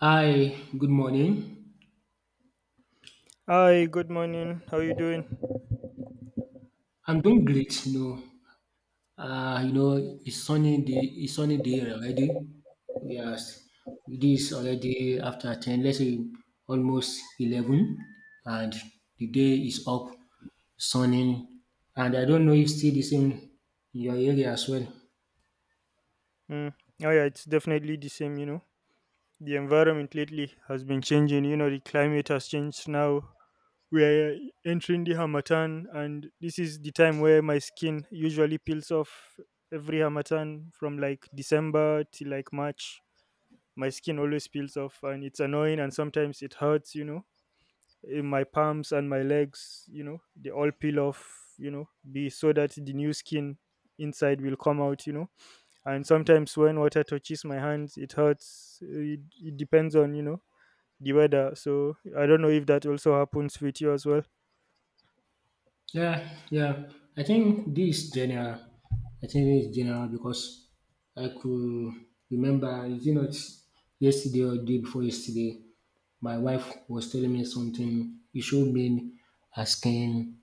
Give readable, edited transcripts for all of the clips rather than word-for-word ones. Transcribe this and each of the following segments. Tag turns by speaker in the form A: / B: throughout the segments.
A: Hi, good morning.
B: Hi, good morning. How you doing?
A: I'm doing great, you know. It's sunny day already. Yes, it is already after 10, let's say almost 11, and the day is up, sunny. And I don't know if still the same in your area as well.
B: Mm. Oh yeah, it's definitely the same. The environment lately has been changing, the climate has changed now. We are entering the Hamatan, and this is the time where my skin usually peels off every Hamatan from like December till like March. My skin always peels off, and it's annoying, and sometimes it hurts. In my palms and my legs, they all peel off, be so that the new skin inside will come out, and sometimes when water touches my hands, it hurts it depends on the weather. So I don't know if that also happens with you as well.
A: Yeah, yeah. I think this general, I think it's general because I could remember, is it not yesterday or day before yesterday? My wife was telling me something. It showed me her skin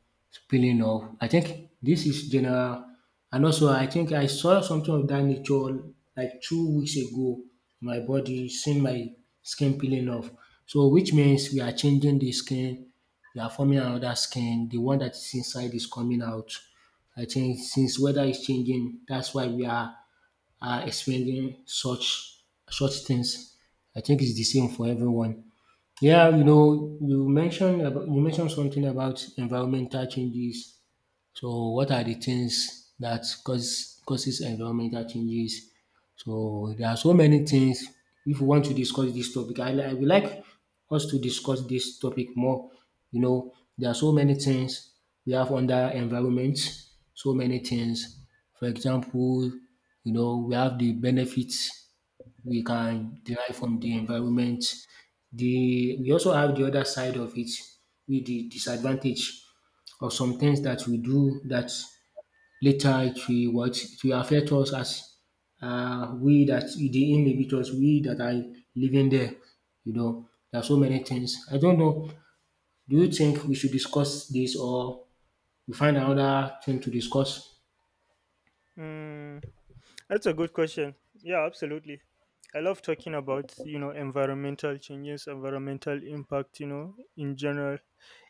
A: peeling off. I think this is general. And also, I think I saw something of that nature like 2 weeks ago. My body seen my skin peeling off. So, which means we are changing the skin. We are forming another skin. The one that is inside is coming out. I think since weather is changing, that's why we are experiencing such things. I think it's the same for everyone. Yeah, you know, you mentioned something about environmental changes. So, what are the things that causes environmental changes? So, there are so many things. If you want to discuss this topic, I would like us to discuss this topic more. You know, there are so many things we have under environment. So many things. For example, you know, we have the benefits we can derive from the environment. The we also have the other side of it with the disadvantage of some things that we do that later it will what it will affect us as we that the dey we that are living there. You know, there are so many things. I don't know. Do you think we should discuss this or we find another thing to discuss?
B: Mm. That's a good question. Yeah, absolutely. I love talking about, environmental changes, environmental impact, in general.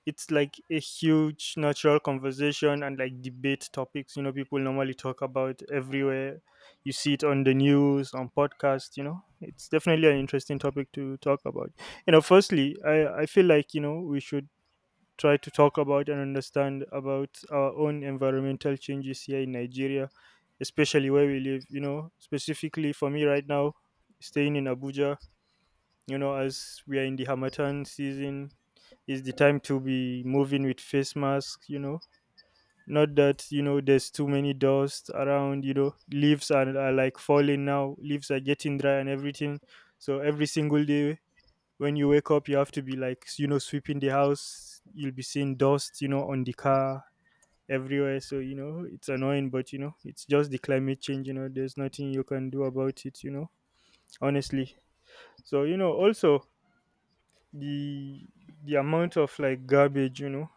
B: It's like a huge natural conversation and like debate topics, people normally talk about everywhere. You see it on the news, on podcasts. It's definitely an interesting topic to talk about. Firstly, I feel like, we should try to talk about and understand about our own environmental changes here in Nigeria, especially where we live. Specifically for me right now, staying in Abuja, as we are in the Hamatan season, is the time to be moving with face masks. Not that, there's too many dust around, leaves are like falling now, leaves are getting dry and everything. So every single day, when you wake up, you have to be like, sweeping the house. You'll be seeing dust, on the car everywhere. So it's annoying, but it's just the climate change. There's nothing you can do about it, honestly. So also, the the amount of like garbage,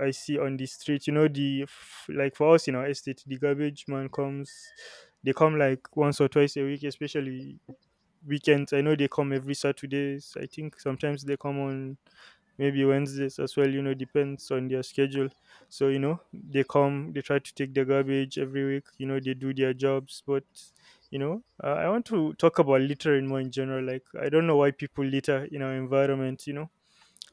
B: I see on the street, like, for us in our estate, the garbage man comes, they come like once or twice a week, especially weekends. I know they come every Saturdays. I think sometimes they come on maybe Wednesdays as well, depends on their schedule. So, they come, they try to take the garbage every week, they do their jobs. But, I want to talk about littering more in general. Like, I don't know why people litter in our environment.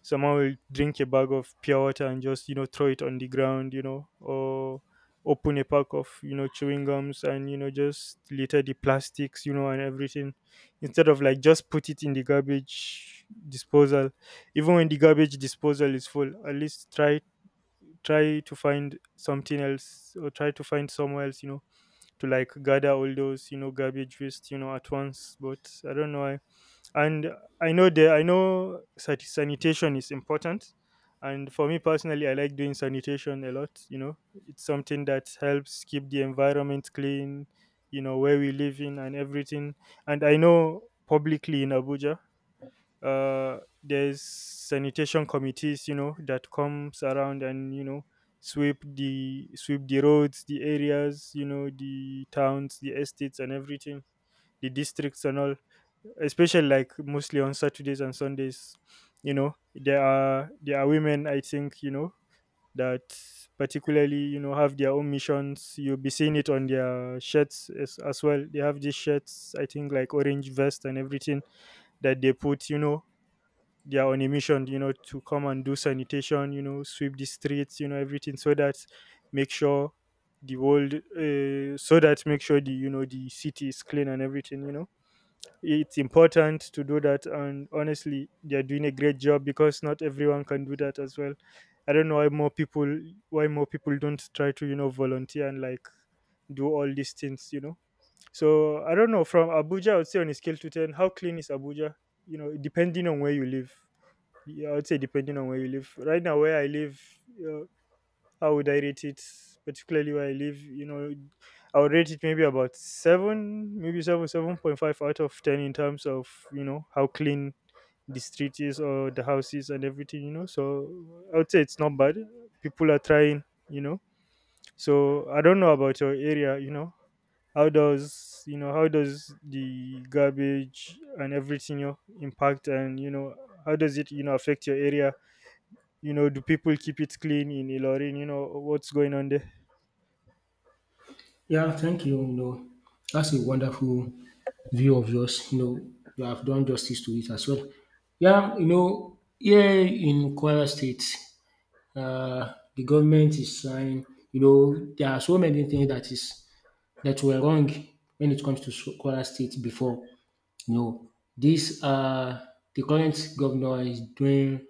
B: Someone will drink a bag of pure water and just throw it on the ground or open a pack of chewing gums and just litter the plastics and everything, instead of like just put it in the garbage disposal. Even when the garbage disposal is full, at least try to find something else, or try to find somewhere else, to like gather all those garbage waste at once. But I don't know why. And I know sanitation is important. And for me personally, I like doing sanitation a lot. It's something that helps keep the environment clean, where we live in and everything. And I know publicly in Abuja, there's sanitation committees that comes around, and sweep the roads, the areas, the towns, the estates and everything, the districts and all, especially like mostly on Saturdays and Sundays. There are women, I think, that particularly have their own missions. You'll be seeing it on their shirts as well. They have these shirts, I think, like orange vest and everything that they put. They are on a mission. To come and do sanitation. Sweep the streets. Everything so that make sure the world, so that make sure the the city is clean and everything. It's important to do that, and honestly, they're doing a great job because not everyone can do that as well. I don't know why more people don't try to volunteer and like do all these things. So I don't know. From Abuja, I would say, on a scale to 10, how clean is Abuja, depending on where you live? Yeah, I would say, depending on where you live right now, where I live uh, how would I rate it? Particularly where I live, I would rate it maybe about seven, maybe seven, 7.5 out of 10 in terms of how clean the street is or the houses and everything. So I would say it's not bad. People are trying, you know. So I don't know about your area. How does the garbage and everything, impact, and how does it affect your area? Do people keep it clean in Ilorin? You know what's going on there?
A: Yeah, thank you. You know, that's a wonderful view of yours. You know, you have done justice to it as well. Yeah, you know, here in Kwara State, the government is trying. You know, there are so many things that were wrong when it comes to Kwara State before. You know, this the current governor is doing,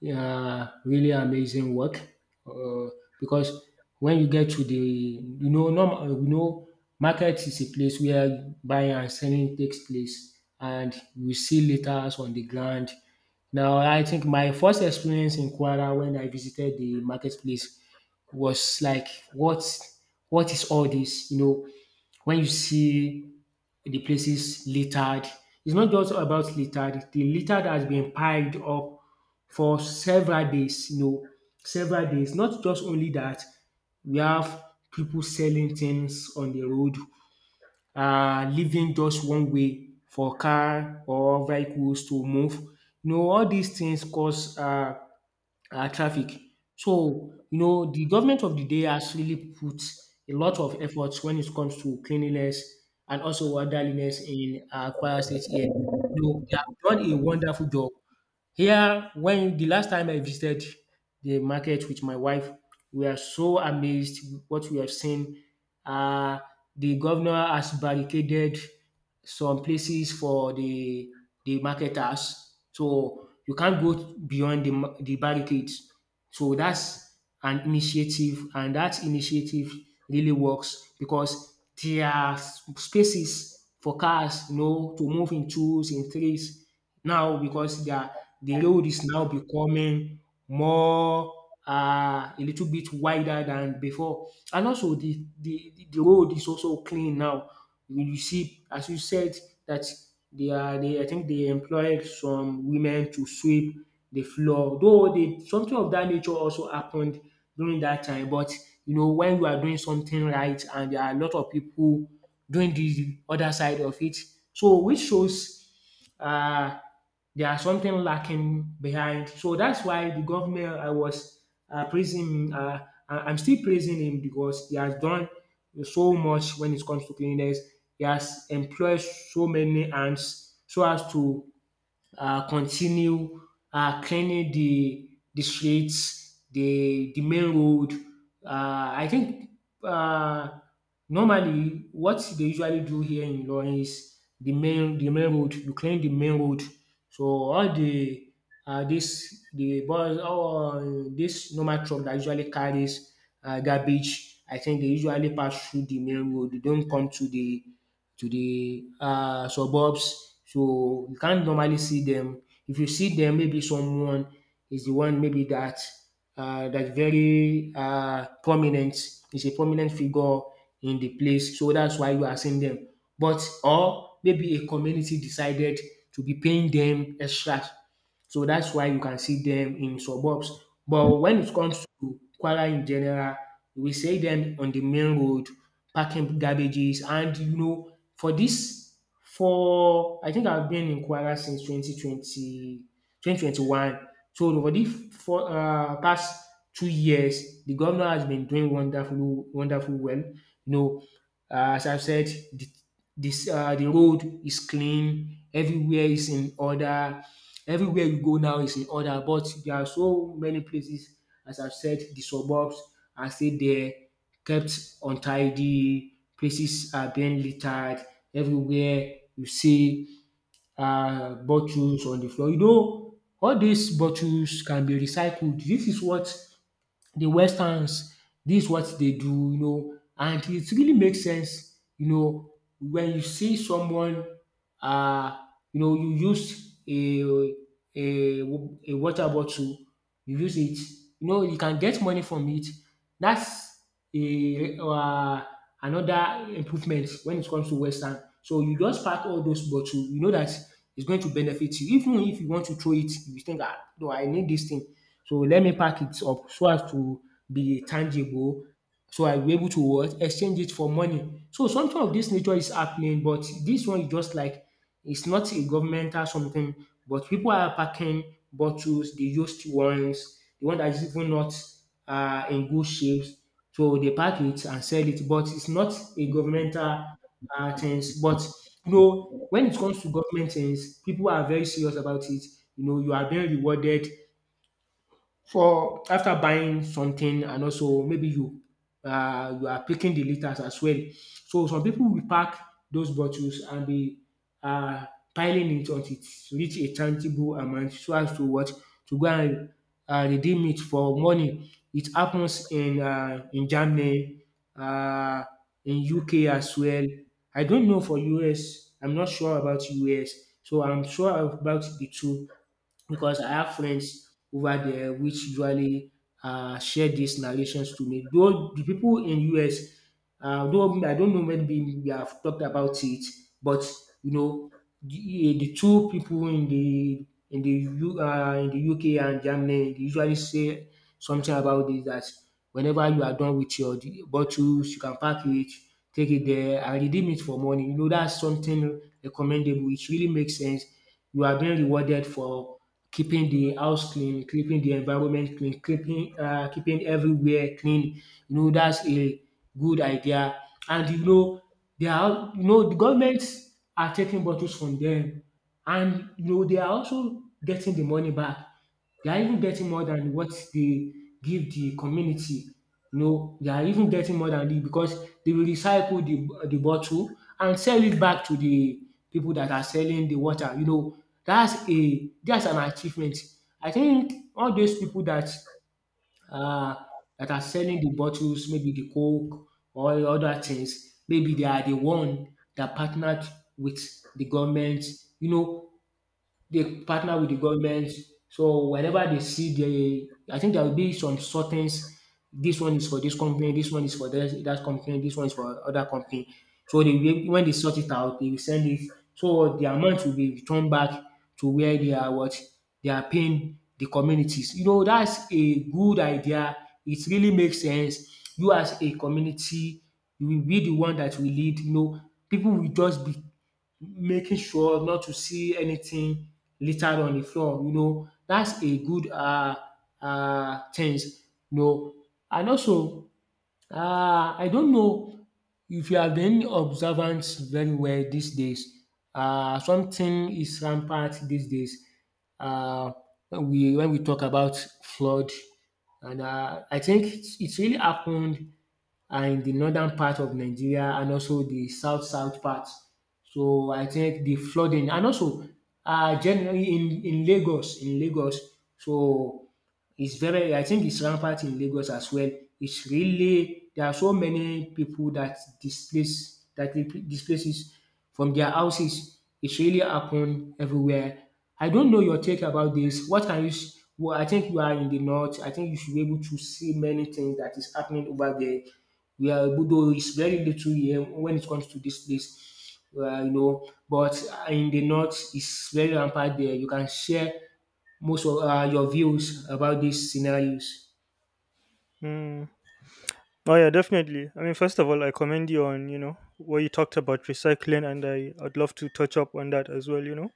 A: yeah, really amazing work. Uh, because when you get to the, you know, normal, you know, market is a place where buying and selling takes place, and you see litters on the ground. Now, I think my first experience in Kwara when I visited the marketplace was like, what is all this? You know, when you see the places littered. It's not just about littered. The littered has been piled up for several days, you know, several days. Not just only that, we have people selling things on the road, um, leaving just one way for car or vehicles to move. You know, all these things cause traffic. So, you know, the government of the day has really put a lot of efforts when it comes to cleanliness and also orderliness in Kwara State here. You know, they have done a wonderful job. Here, when the last time I visited the market with my wife, we are so amazed what we have seen. Um the governor has barricaded some places for the marketers, so you can't go beyond the the barricades. So that's an initiative, and that initiative really works because there are spaces for cars, you know, to move in twos, in threes now because the road is now becoming more, a little bit wider than before. And also the road is also clean now. You see, as you said, that they are they I think they employed some women to sweep the floor. Though they something of that nature also happened during that time. But you know, when you are doing something right and there are a lot of people doing the other side of it. So which shows, uh, they are something lacking behind. So that's why the government I was praising, I'm still praising him because he has done so much when it comes to cleanliness. He has employed so many hands so as to continue cleaning the streets, the main road. I think uh, Normally what they usually do here in Ilorin is the main road. You clean the main road, so all the this the bus, all this normal truck that usually carries garbage. I think they usually pass through the main road. They don't come to the uh, suburbs. So you can't normally see them. If you see them, maybe someone is the one maybe that very prominent, is a prominent figure in the place. So that's why you are seeing them. But or maybe a community decided to be paying them extra. So that's why you can see them in suburbs. But when it comes to Kuala in general, we see them on the main road packing garbages, and you know, for this for I think I've been in Kwara since twenty one. 2021. So no, for this for past 2 years, the governor has been doing wonderful, wonderful well. You know, as I've said, the, the road is clean, everywhere is in order. Everywhere you go now is in order, but there are so many places, as I've said, the suburbs are still there, kept untidy, places are being littered everywhere. You see bottles on the floor. You know all these bottles can be recycled. This is what the westerns this is what they do, you know, and it really makes sense, you know, when you see someone, uh, you know, you use a a water bottle, you use it, you know, you can get money from it. That's a, another improvement when it comes to western. So you just pack all those bottle, you know that it's going to benefit you. Even if you want to throw it, you think, ah no, I need this thing, so let me pack it up so as to be tangible, so I will be able to what? Exchange it for money. So something of this nature is happening, but this one is just like it's not a governmental something, but people are packing bottles, the used ones, the one that is even not in good shape. So they pack it and sell it, but it's not a governmental things. But you know, when it comes to government things, people are very serious about it. You know, you are being rewarded for after buying something and also maybe you, you are picking the liters as well. So some people will pack those bottles and be, uh, piling it until it reach a tangible amount so as to what, to go and redeem it for money. It happens in Germany, uh, in UK as well. I don't know for US. I'm not sure about US. So I'm sure about the two because I have friends over there which usually share these narrations to me. Though the people in US, though I don't know, maybe we have talked about it, but you know, the two people in the UK and Germany they usually say something about this, that whenever you are done with your bottles, you can pack it, take it there, and redeem it for money. You know, that's something recommendable. It really makes sense. You are being rewarded for keeping the house clean, keeping the environment clean, keeping keeping everywhere clean. You know that's a good idea. And you know they are you know the governments are taking bottles from them, and you know they are also getting the money back. They are even getting more than what they give the community. You know they are even getting more than this because they will recycle the bottle and sell it back to the people that are selling the water. You know that's a that's an achievement. I think all those people that uh that are selling the bottles, maybe the Coke or the other things, maybe they are the one that partnered with the government. You know, they partner with the government. So whenever they see the, I think there will be some sortings. This one is for this company. This one is for that company. This one is for other company. So when they sort it out, they will send it. So the amount will be returned back to where they are what they are paying the communities. You know that's a good idea. It really makes sense. You as a community, you will be the one that will lead. You know, people will just be making sure not to see anything littered on the floor. You know, that's a good things. You know, and also I don't know if you have been observant very well these days. Something is rampant these days. Uh, when we talk about flood, and I think it's really happened and in the northern part of Nigeria and also the south south part. So I think the flooding and also generally in in Lagos so it's very I think it's rampant in Lagos as well. It's really there are so many people that displace that dey displaces from their houses. It's really happen everywhere. I don't know your take about this. What can you s well I think you are in the north. I think you should be able to see many things that is happening over there we are although it's very little here when it comes to this place, you know, but in the north it's very rampant there. You can share most of your views about these scenarios.
B: Mm. Oh yeah, definitely. I mean, first of all, I commend you on what you talked about recycling, and I'd love to touch up on that as well. You know,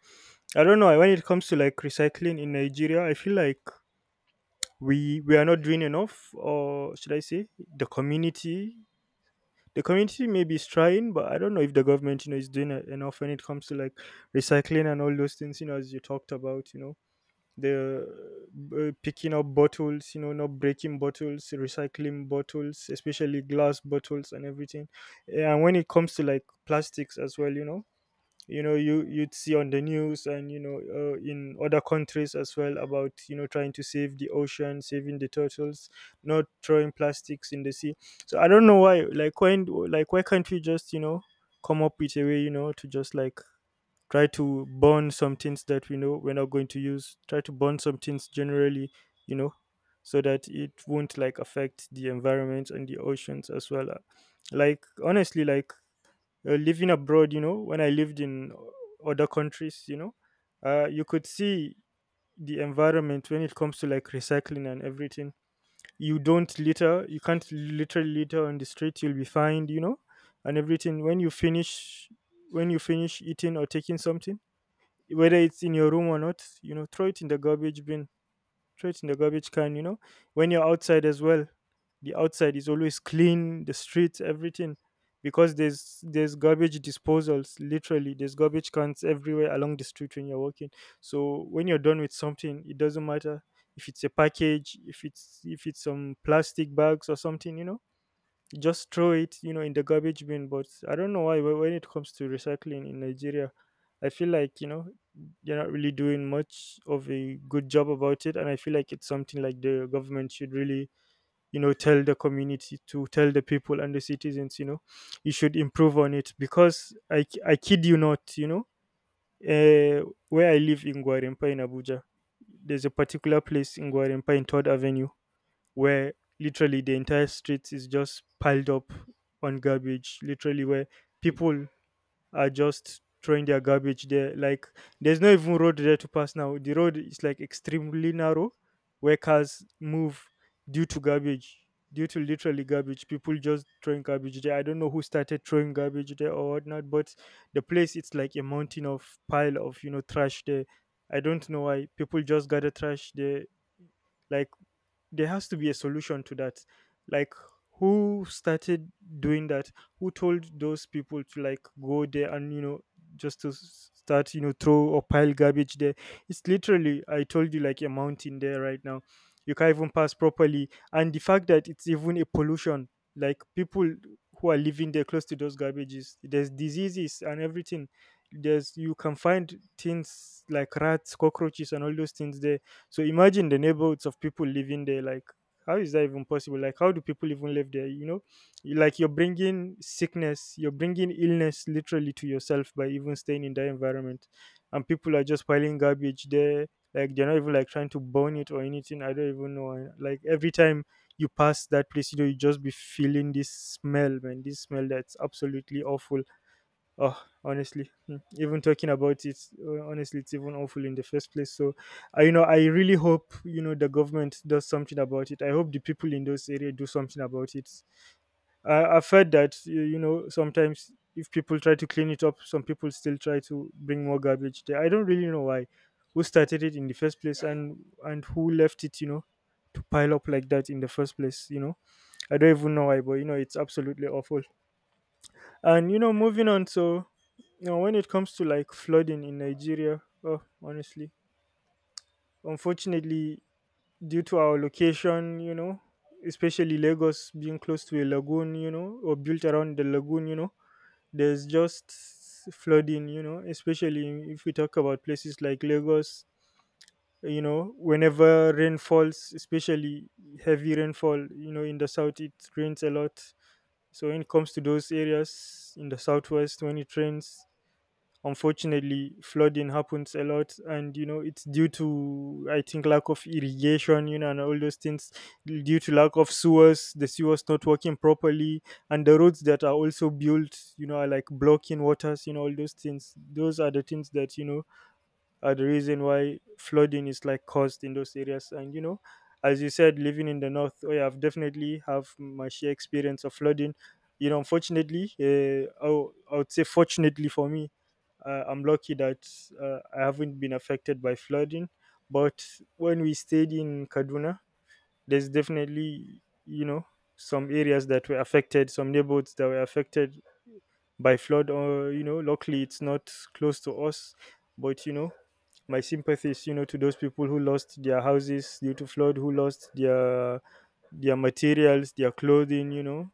B: I don't know, when it comes to like recycling in Nigeria, I feel like we are not doing enough, or should I say, the community. The community maybe is trying, but I don't know if the government, is doing enough when it comes to like recycling and all those things, as you talked about. You know the Picking up bottles, not breaking bottles, recycling bottles, especially glass bottles and everything. And when it comes to like plastics as well, you'd see on the news, and in other countries as well, about trying to save the ocean, saving the turtles, not throwing plastics in the sea. So I don't know why, like, when like, why can't we just, come up with a way, to just like try to burn some things that we know we're not going to use. Try to burn some things generally, you know so that it won't like affect the environment and the oceans as well. Like, honestly, like living abroad, when I lived in other countries, you could see the environment when it comes to like recycling and everything. You don't litter, you can't literally litter on the street, you'll be fined, and everything. When you finish eating or taking something, whether it's in your room or not, throw it in the garbage bin, throw it in the garbage can. When you're outside as well, the outside is always clean, the streets, everything. Because there's garbage disposals, literally. There's garbage cans everywhere along the street when you're walking. So when you're done with something, it doesn't matter if it's a package, if it's some plastic bags or something, just throw it, in the garbage bin. But I don't know why. But when it comes to recycling in Nigeria, I feel like they're not really doing much of a good job about it. And I feel like it's something like the government should really tell the community, to tell the people and the citizens, you should improve on it, because I kid you not. Where I live in Gwarimpa in Abuja, there's a particular place in Gwarimpa in third avenue, where literally the entire street is just piled up on garbage, literally, where people are just throwing their garbage there. Like, there's no even road there to pass now. The road is like extremely narrow where cars move due to garbage. Due to literally garbage, people just throwing garbage there. I don't know who started throwing garbage there or whatnot, but the place, it's like a mountain of pile of trash there. I don't know why people just gather trash there. Like, there has to be a solution to that. Like, who started doing that? Who told those people to like go there and just to start throw or pile garbage there? It's literally, I told you, like a mountain there right now. You can't even pass properly, and the fact that it's even a pollution, like people who are living there close to those garbages, there's diseases and everything. There's, you can find things like rats, cockroaches and all those things there. So imagine the neighborhoods of people living there. Like, how is that even possible? Like, how do people even live there? You know, like you're bringing sickness, you're bringing illness literally to yourself by even staying in that environment. And people are just piling garbage there. Like, they're not even like trying to burn it or anything. I don't even know. Like, every time you pass that place, you just be feeling this smell, man. This smell that's absolutely awful. Even talking about it, honestly, it's even awful in the first place. So, I really hope you know the government does something about it. I hope the people in those areas do something about it. I've heard that you know sometimes if people try to clean it up, some people still try to bring more garbage there. I don't really know why, who started it in the first place, and who left it, you know, to pile up like that in the first place. You know, I don't even know why, but you know, it's absolutely awful. And you know, moving on, so you know, when it comes to like flooding in Nigeria, oh, honestly, unfortunately, due to our location, you know, especially Lagos being close to a lagoon, you know, or built around the lagoon, you know, there's just flooding, you know, especially if we talk about places like Lagos, you know, whenever rain falls, especially heavy rainfall, you know, in the south, it rains a lot. So when it comes to those areas in the southwest, when it rains, unfortunately flooding happens a lot, and you know it's due to I think lack of irrigation, you know, and all those things, due to lack of sewers, the sewers not working properly, and the roads that are also built, you know, are like blocking waters, you know, all those things, those are the things that, you know, are the reason why flooding is like caused in those areas. And you know, as you said, living in the north, oh yeah, I've definitely have my share experience of flooding, you know. Unfortunately, I would say fortunately for me, I'm lucky that I haven't been affected by flooding. But when we stayed in Kaduna, there's definitely you know some areas that were affected, some neighborhoods that were affected by flood. Or you know luckily it's not close to us, but you know, my sympathies, you know, to those people who lost their houses due to flood, who lost their materials, their clothing, you know,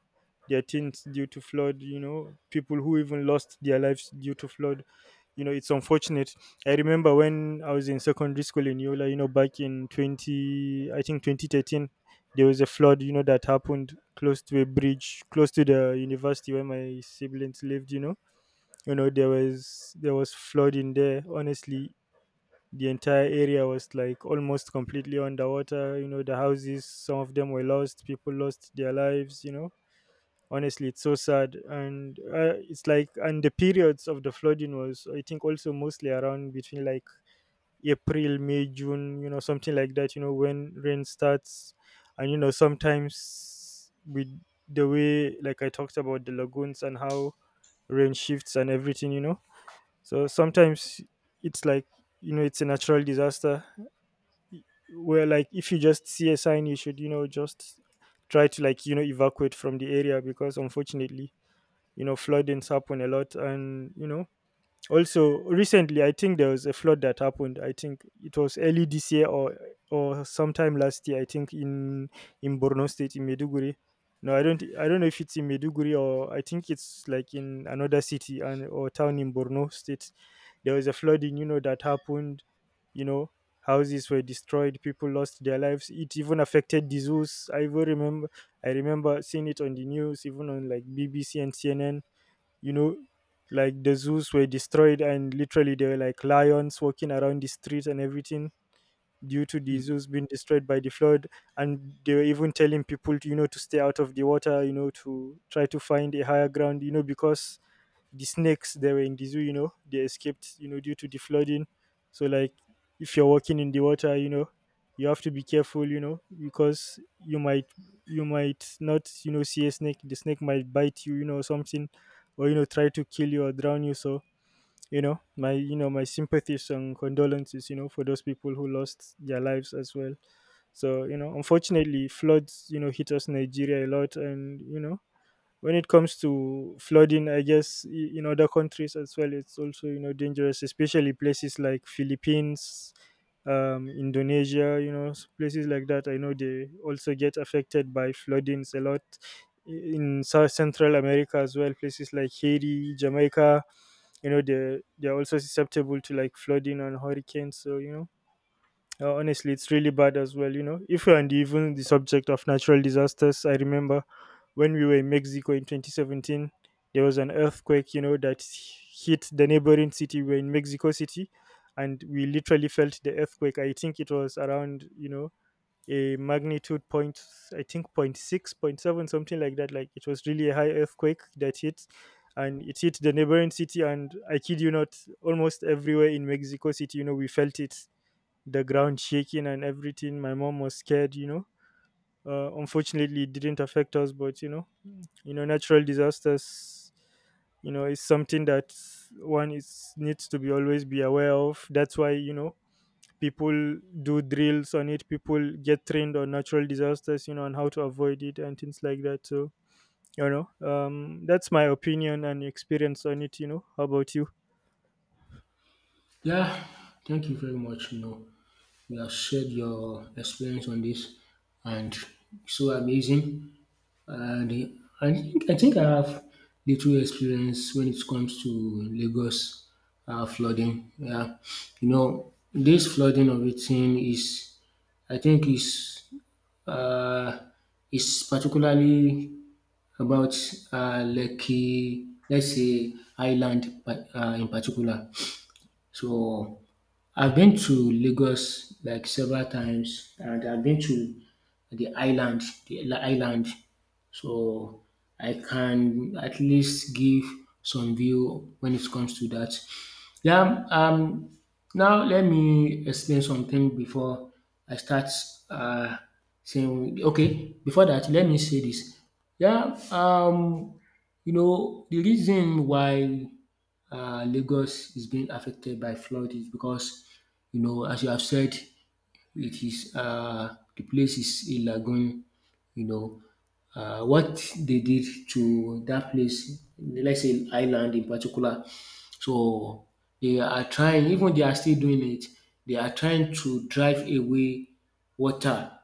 B: their things due to flood, you know, people who even lost their lives due to flood. You know, it's unfortunate. I remember when I was in secondary school in Yola, you know, back in I think 2013, there was a flood, you know, that happened close to a bridge, close to the university where my siblings lived, you know. You know, there was flooding there. Honestly, the entire area was like almost completely underwater, you know, the houses, some of them were lost, people lost their lives, you know, honestly it's so sad. And it's like, and the periods of the flooding was I think also mostly around between like April, May, June, you know, something like that, you know, when rain starts. And you know sometimes with the way like I talked about the lagoons and how rain shifts and everything, you know, so sometimes it's like, you know, it's a natural disaster, where like if you just see a sign you should you know just try to like you know evacuate from the area, because unfortunately, you know, floodings happen a lot. And you know also, recently, I think there was a flood that happened. I think it was early this year or sometime last year. I think in Borno State in Meduguri. No, I don't. I don't know if it's in Meduguri or I think it's like in another city and or town in Borno State. There was a flooding, you know, that happened. You know, houses were destroyed. People lost their lives. It even affected the zoos. I even remember. I remember seeing it on the news, even on like BBC and CNN, you know, like the zoos were destroyed and literally there were like lions walking around the streets and everything due to the zoos being destroyed by the flood. And they were even telling people to, you know, to stay out of the water, you know, to try to find a higher ground, you know, because the snakes that were in the zoo, you know, they escaped, you know, due to the flooding. So like if you're walking in the water, you know, you have to be careful, you know, because you might not, you know, see a snake. The snake might bite you, you know, or something, or you know, try to kill you or drown you. So, you know, my sympathies and condolences, you know, for those people who lost their lives as well. So, you know, unfortunately floods, you know, hit us Nigeria a lot. And you know, when it comes to flooding, I guess in other countries as well, it's also you know dangerous, especially places like Philippines, Indonesia, you know, places like that, I know they also get affected by floodings a lot. I- in south central America as well, places like Haiti, Jamaica, you know, they're also susceptible to like flooding and hurricanes, so you know, honestly, it's really bad as well. You know, if you're, and even the subject of natural disasters, I remember when we were in Mexico in 2017, there was an earthquake, you know, that hit the neighboring city. We were in Mexico City, and we literally felt the earthquake. I think it was around, you know, a magnitude point, I think point six, point seven, something like that. Like it was really a high earthquake that hit. And it hit the neighboring city, and I kid you not, almost everywhere in Mexico City, you know, we felt it, the ground shaking and everything. My mom was scared, you know. Unfortunately, it didn't affect us, but you know, natural disasters, you know, is something that one is needs to be always be aware of. That's why you know people do drills on it. People get trained on natural disasters, you know, and how to avoid it and things like that. So you know, that's my opinion and experience on it. You know, how about you?
A: Yeah, thank you very much. You know, you have shared your experience on this, and so amazing. And the I think I have little experience when it comes to Lagos flooding. Yeah, you know this flooding of a thing is, I think uh, is particularly about Lekki, let's say island, but in particular. So I've been to Lagos like several times and I've been to the island, the island. So I can at least give some view when it comes to that. Yeah, now let me explain something before I start uh, saying, okay, before that, let me say this. Yeah, you know, the reason why Lagos is being affected by flood is because, you know, as you have said, it is the place is a lagoon. You know, what they did to that place, let's say island in particular. So they are trying, even they are still doing it. They are trying to drive away water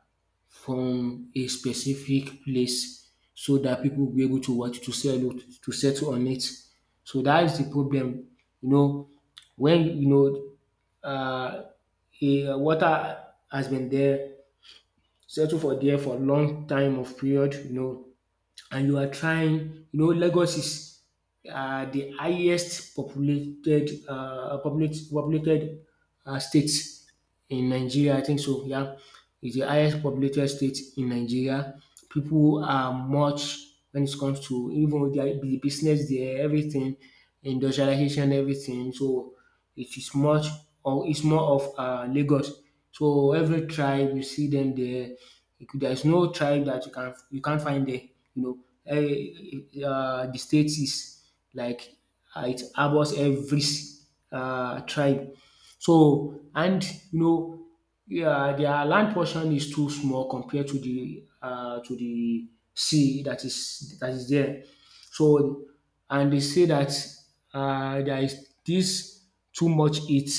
A: from a specific place so that people will be able to what to sell it to settle on it. So that is the problem. You know, when you know uh, a water has been there, settle for there for long time of period, you know, and you are trying, you know, Lagos is the highest populated populated state in Nigeria. I think so. Yeah, it's the highest populated state in Nigeria. People are much when it comes to even with their the business there, everything, industrialization, everything. So it is much or it's more of Lagos. So every tribe you see them there. You could- There is no tribe that you can you can't find there. You know the state is like it harbours every tribe. So and you know yeah, their land portion is too small compared to the sea that is there. So and they say that there is this too much heat.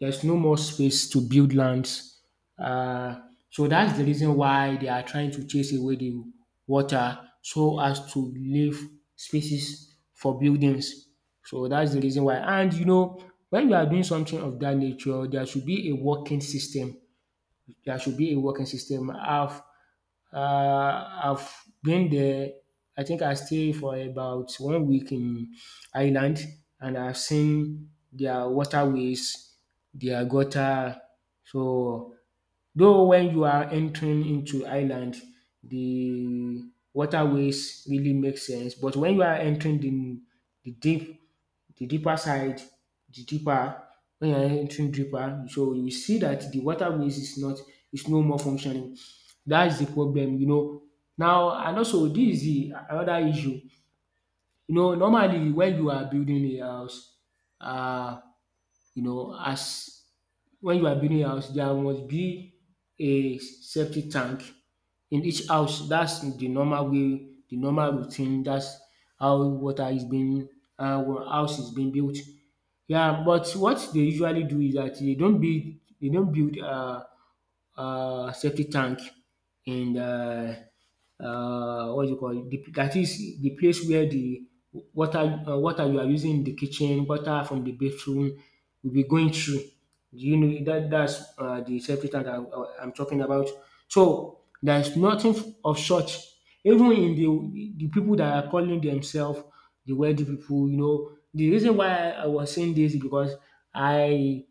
A: There's no more space to build lands. Uh, so that's the reason why they are trying to chase away the water so as to leave spaces for buildings. So that's the reason why. And you know, when you are doing something of that nature, there should be a working system. There should be a working system. Have I've been there. I think I stayed for about 1 week in Ireland, and I've seen their waterways, their gutter. So, though when you are entering into Ireland, the waterways really make sense, but when you are entering the deep the deeper side, the deeper when you're entering deeper, so you see that the waterways is not is no more functioning. That's the problem, you know. Now and also this is the another issue. You know, normally when you are building a house, uh, you know, as when you are building a house, there must be a septic tank in each house. That's the normal way, the normal routine. That's how water is being, how house is being built. Yeah, but what they usually do is that they don't build safety tank in the what do you call it? The, that is the place where the water water you are using in the kitchen, water from the bathroom will be going through. Do you know that that's the safety tank I'm talking about? So there is nothing of such. Even in the people that are calling themselves the wealthy people, you know, the reason why I was saying this is because I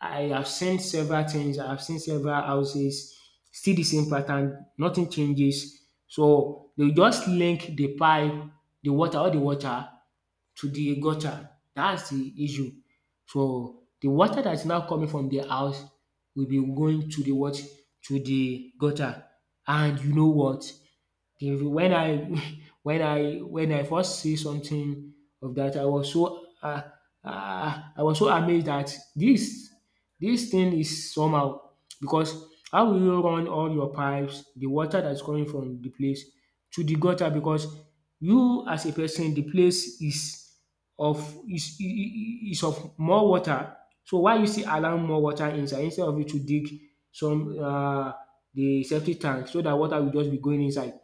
A: I have seen several things, I have seen several houses, still the same pattern, nothing changes. So they will just link the pipe, the water, all the water to the gutter. That's the issue. So the water that is now coming from the house will be going to the what? To the gutter. And you know what? The, when I when I first see something of that, I was so amazed that this thing is somehow because how will you run all your pipes, the water that is coming from the place to the gutter because you as a person the place is of is is of more water. So why you still allow more water inside instead of you to dig some the septic tank so that water will just be going inside.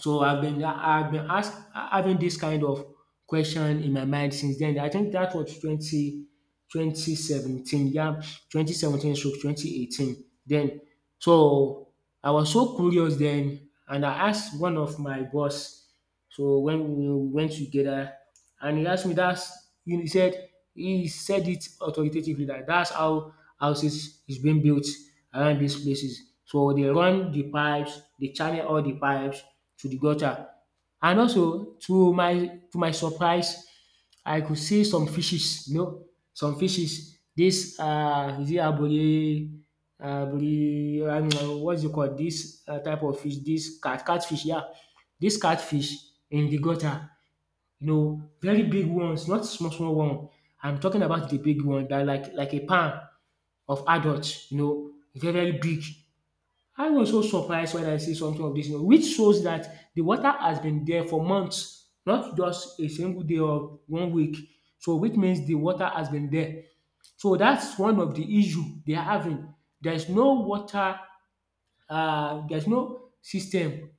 A: So I've been asked having this kind of question in my mind since then. I think that was twenty twenty seventeen. Yeah, 2017 stroke 2018. Then so I was so curious then and I asked one of my boss so when we went together and he asked me that's you know, he said it authoritatively that that's how houses is being built around these places. So they run the pipes, they channel all the pipes to the gutter and also to my surprise I could see some fishes you know some fishes dis is it abori abori, I don't know, what's it called dis type of fish This catfish yeah this catfish in the gutter you know very big ones not small small one. I'm talking about the big one that like a palm of adults. You know very very big I was so surprised when I see something of dis which shows that the water has been there for months, not just a single day or 1 week. So which means the water has been there. So that's one of the issue they are having. There's no water there's no system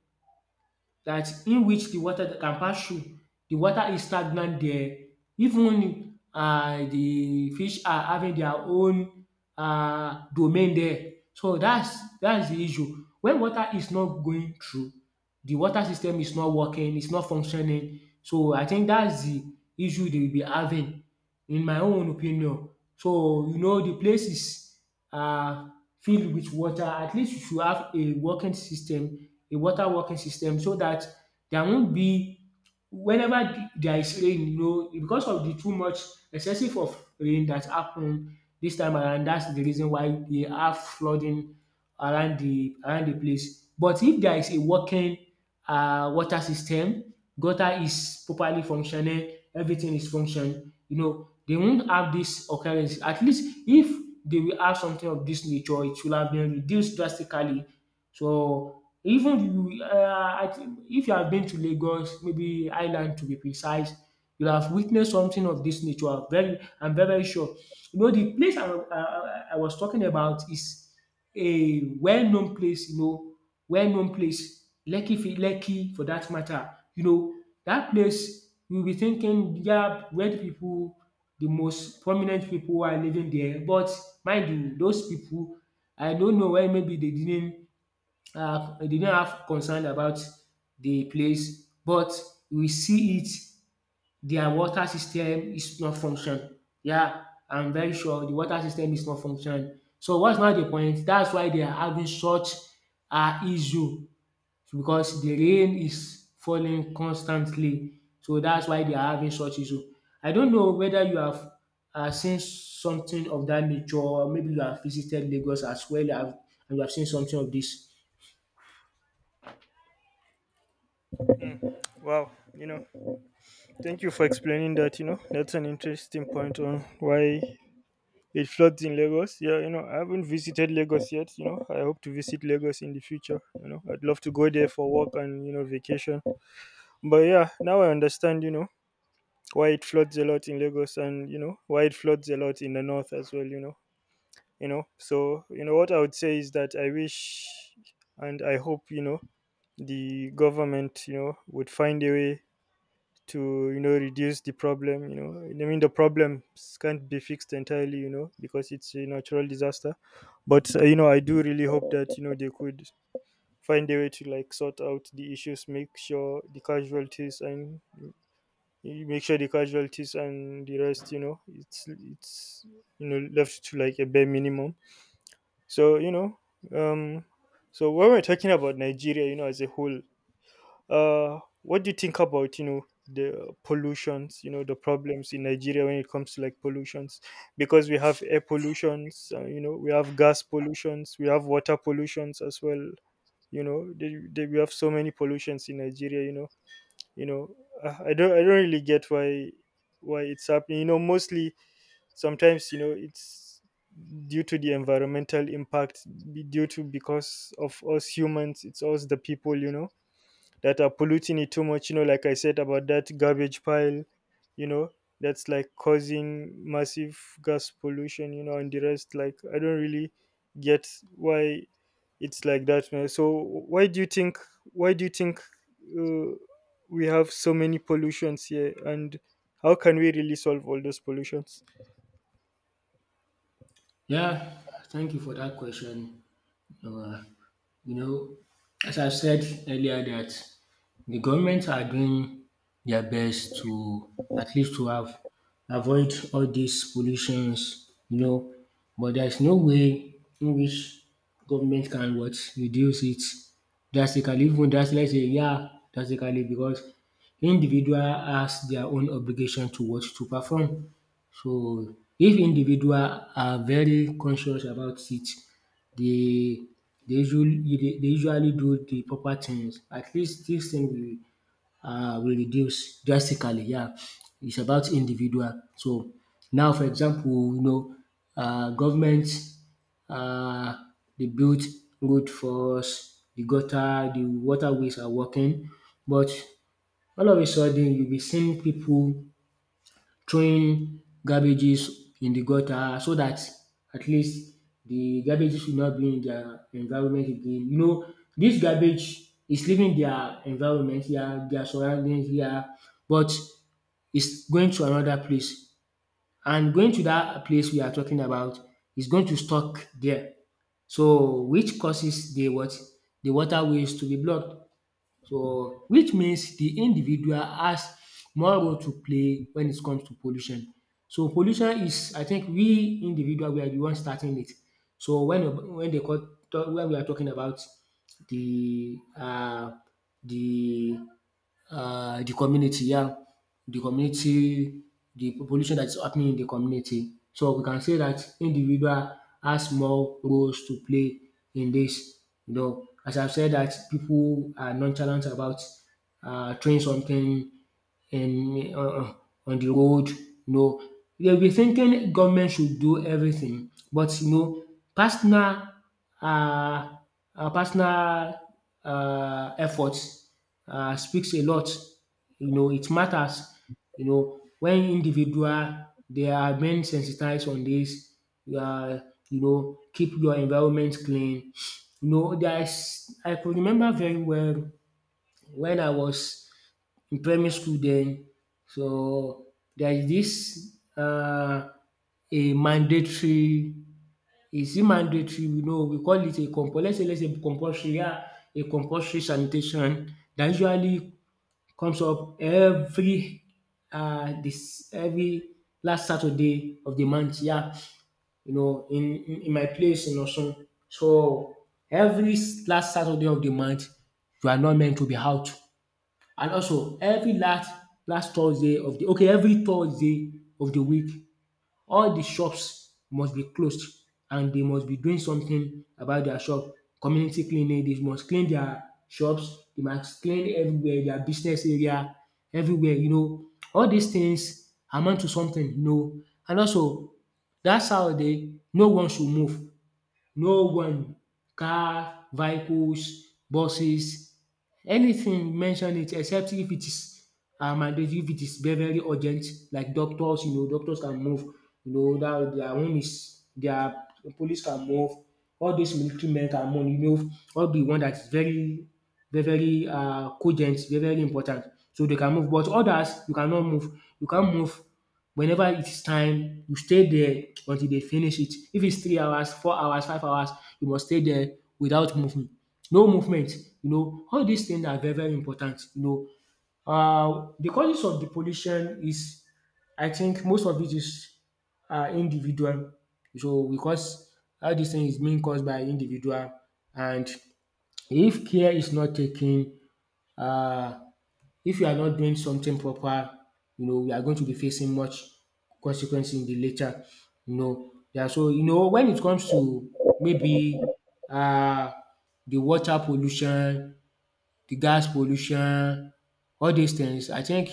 A: that in which the water that can pass through, the water is stagnant there. Even the fish are having their own domain there. So that's the issue. When water is not going through, the water system is not working, it's not functioning. So I think that's the issue they will be having in my own opinion. So you know the places uh, filled with water. At least you should have a working system, a water working system so that there won't be whenever the there is rain you know because of the too much excessive of rain that happened this time around that's the reason why they have flooding around the place. But if there is a working water system gutter is properly functioning, everything is functioning. You know, they won't have this occurrence. At least if they will have something of this nature, it will have been reduced drastically. So even you, I think if you have been to Lagos, maybe Island to be precise, you'll have witnessed something of this nature. Very, I'm very, very sure. You know, the place I was talking about is a well-known place, you know, well-known place, Lekki, Lekki for that matter. You know, that place, you'll be thinking, yeah, where the people, the most prominent people are living there. But mind you, those people, I don't know why maybe they didn't have concern about the place, but we see it their water system is not function. Yeah, I'm very sure the water system is not function. So what's now the point? That's why they are having such issue because the rain is falling constantly. So that's why they are having such issue. I don't know whether you have seen something of that nature or maybe you have visited Lagos as well and you have seen something of this.
B: Mm. Wow, you know. Thank you for explaining that. You know, that's an interesting point on why it floods in Lagos. Yeah, you know, I haven't visited Lagos yet. You know, I hope to visit Lagos in the future. You know, I'd love to go there for work and, you know, vacation. But yeah, now I understand, you know, why it floods a lot in Lagos and, you know, why it floods a lot in the north as well, you know. You know, so, you know, what I would say is that I wish and I hope, you know, the government, you know, would find a way to you know reduce the problem, you know, I mean the problems can't be fixed entirely you know because it's a natural disaster. But you know I do really hope that you know they could find a way to like sort out the issues, make sure the casualties and the rest, you know, it's you know left to like a bare minimum. So you know, um so when we're talking about Nigeria, you know, as a whole, what do you think about you know the pollutions? You know the problems in Nigeria when it comes to like pollutions, because we have air pollutions. You know we have gas pollutions. We have water pollutions as well. You know we have so many pollutions in Nigeria. You know I don't really get why it's happening. You know mostly sometimes you know it's due to the environmental impact, due to because of us humans, it's us the people you know that are polluting it too much, you know, like I said about that garbage pile, you know, that's like causing massive gas pollution, you know, and the rest. Like I don't really get why it's like that, man. So why do you think why do you think uh, we have so many pollutions here, and how can we really solve all those pollutions?
A: Yeah, thank you for that question. Uh, you know, as I said earlier that the government are doing their best to at least to have avoid all these pollutions, you know, but there's no way in which government can what reduce it drastically, even that's let's say yeah, drastically because individual has their own obligation to what to perform. So if individual are very conscious about it, dey they usually do the proper things. At least this thing will reduce drastically, yeah. It's about individual. So now, for example, you know, government uh they built road for us, the gutter, the waterways are working, but all of a sudden you will be seeing people throwing garbages in the gutter so that at least the garbages will not be in their environment again. You know, this garbage is leaving their environment here, their surroundings here, but it's going to another place, and going to that place we are talking about, is going to stuck there. So which causes the what? The waterways to be blocked. So which means the individual has more role to play when it comes to pollution. So pollution is, I think, we individual we are the one starting it. So when they call, when we are talking about the uh the the community, yeah, the community, the pollution that is happening in the community. So we can say that individual has more roles to play in this. You know, as I've said, that people are nonchalant about throwing something um on on the road, you know. They will be thinking government should do everything, but you know, personal, um personal, efforts, speaks a lot. You know, it matters, you know, when individual, they are being sensitized on this, um you know, keep your environment clean. You know, there is, I could remember very well when I was in primary school then. So there is this a mandatory, is it mandatory? We know, we call it a compulsory, let's say compulsory, yeah, a compulsory sanitation that usually comes up every this every last Saturday of the month, yeah. You know, in in my place in Osun. So last Saturday of the month, you are not meant to be out. And also every last Thursday of the every Thursday of the week, all the shops must be closed and they must be doing something about their shop. Community cleaning, they must clean their shops, they must clean everywhere, their business area, everywhere, you know. All these things amount to something, you know. And also that Saturday no one should move, no one, car, vehicles, buses, anything, mention it, except if it is mandatory, if it is very very urgent, like doctors, you know, doctors can move, you know, that their own is their, police can move, all those military men can move, you know, all the one that is very very very cogent, very very important, so they can move, but others you cannot move, you can't move. Whenever it is time, you stay there until they finish it. If it's 3 hours, 4 hours, 5 hours, you must stay there without movement. No movement. You know, all these things are very, very important. You know, the causes of the pollution is, I think, most of it is individual. So because all this thing is being caused by individual, and if care is not taken, uh, if you are not doing something proper, you know, we are going to be facing much consequence in the later. You know, yeah. So you know, when it comes to, maybe, uh, the water pollution, the gas pollution, all these things, I think,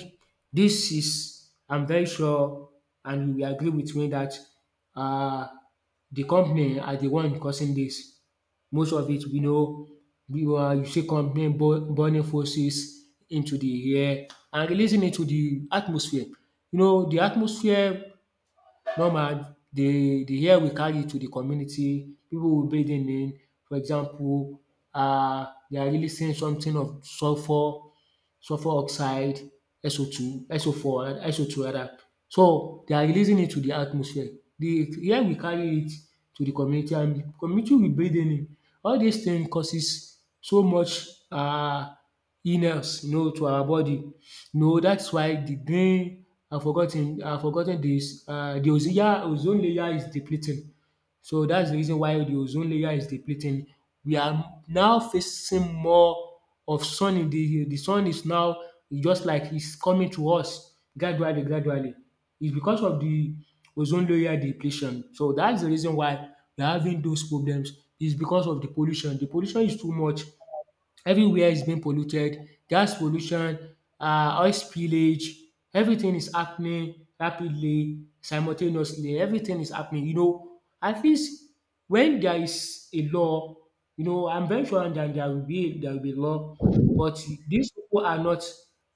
A: this is, I'm very sure and you will agree with me, that um the company are the one causing this. Most of it, we know, we are, you see, company burn burning fossils into the air and releasing it to the atmosphere. You know, the atmosphere. Normal, the hair will carry to the community. People will bathe in it. For example, they are releasing something of sulphur, sulfur oxide, SO2, SO4 SO2 rather. So they are releasing it to the atmosphere. The air, we carry it to the community and the community will breathe in it. All these things causes so much illness, you know, to our body. You know, dat's why the green, I forgot ten dis the ozone layer, ozone layer is depleting. So that's the reason why the ozone layer is depleting. We are now facing more of sun in the sun is now just like it's coming to us gradually, gradually. It's because of the ozone layer depletion. So that's the reason why we're having those problems. It's because of the pollution. The pollution is too much. Everywhere is being polluted, gas pollution, oil spillage, everything is happening rapidly, simultaneously, everything is happening. You know, at least when there is a law, you know, I'm very sure that there will be law, but these people are not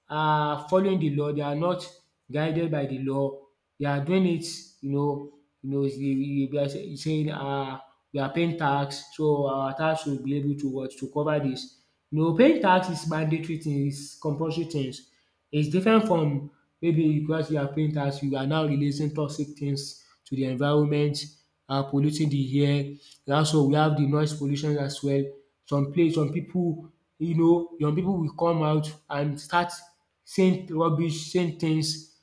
A: following the law, they are not guided by the law, they are doing it, you know, you know, it's the, saying, we are paying tax, so our tax should be able to what, to cover this. You know, paying tax is mandatory thing, is compulsory things. It's different from, maybe because you are paying tax, you are now releasing toxic things to the environment, polluting the air. And also we have the noise pollution as well. Some place, some people, you know, young people will come out and start saying rubbish, saying things,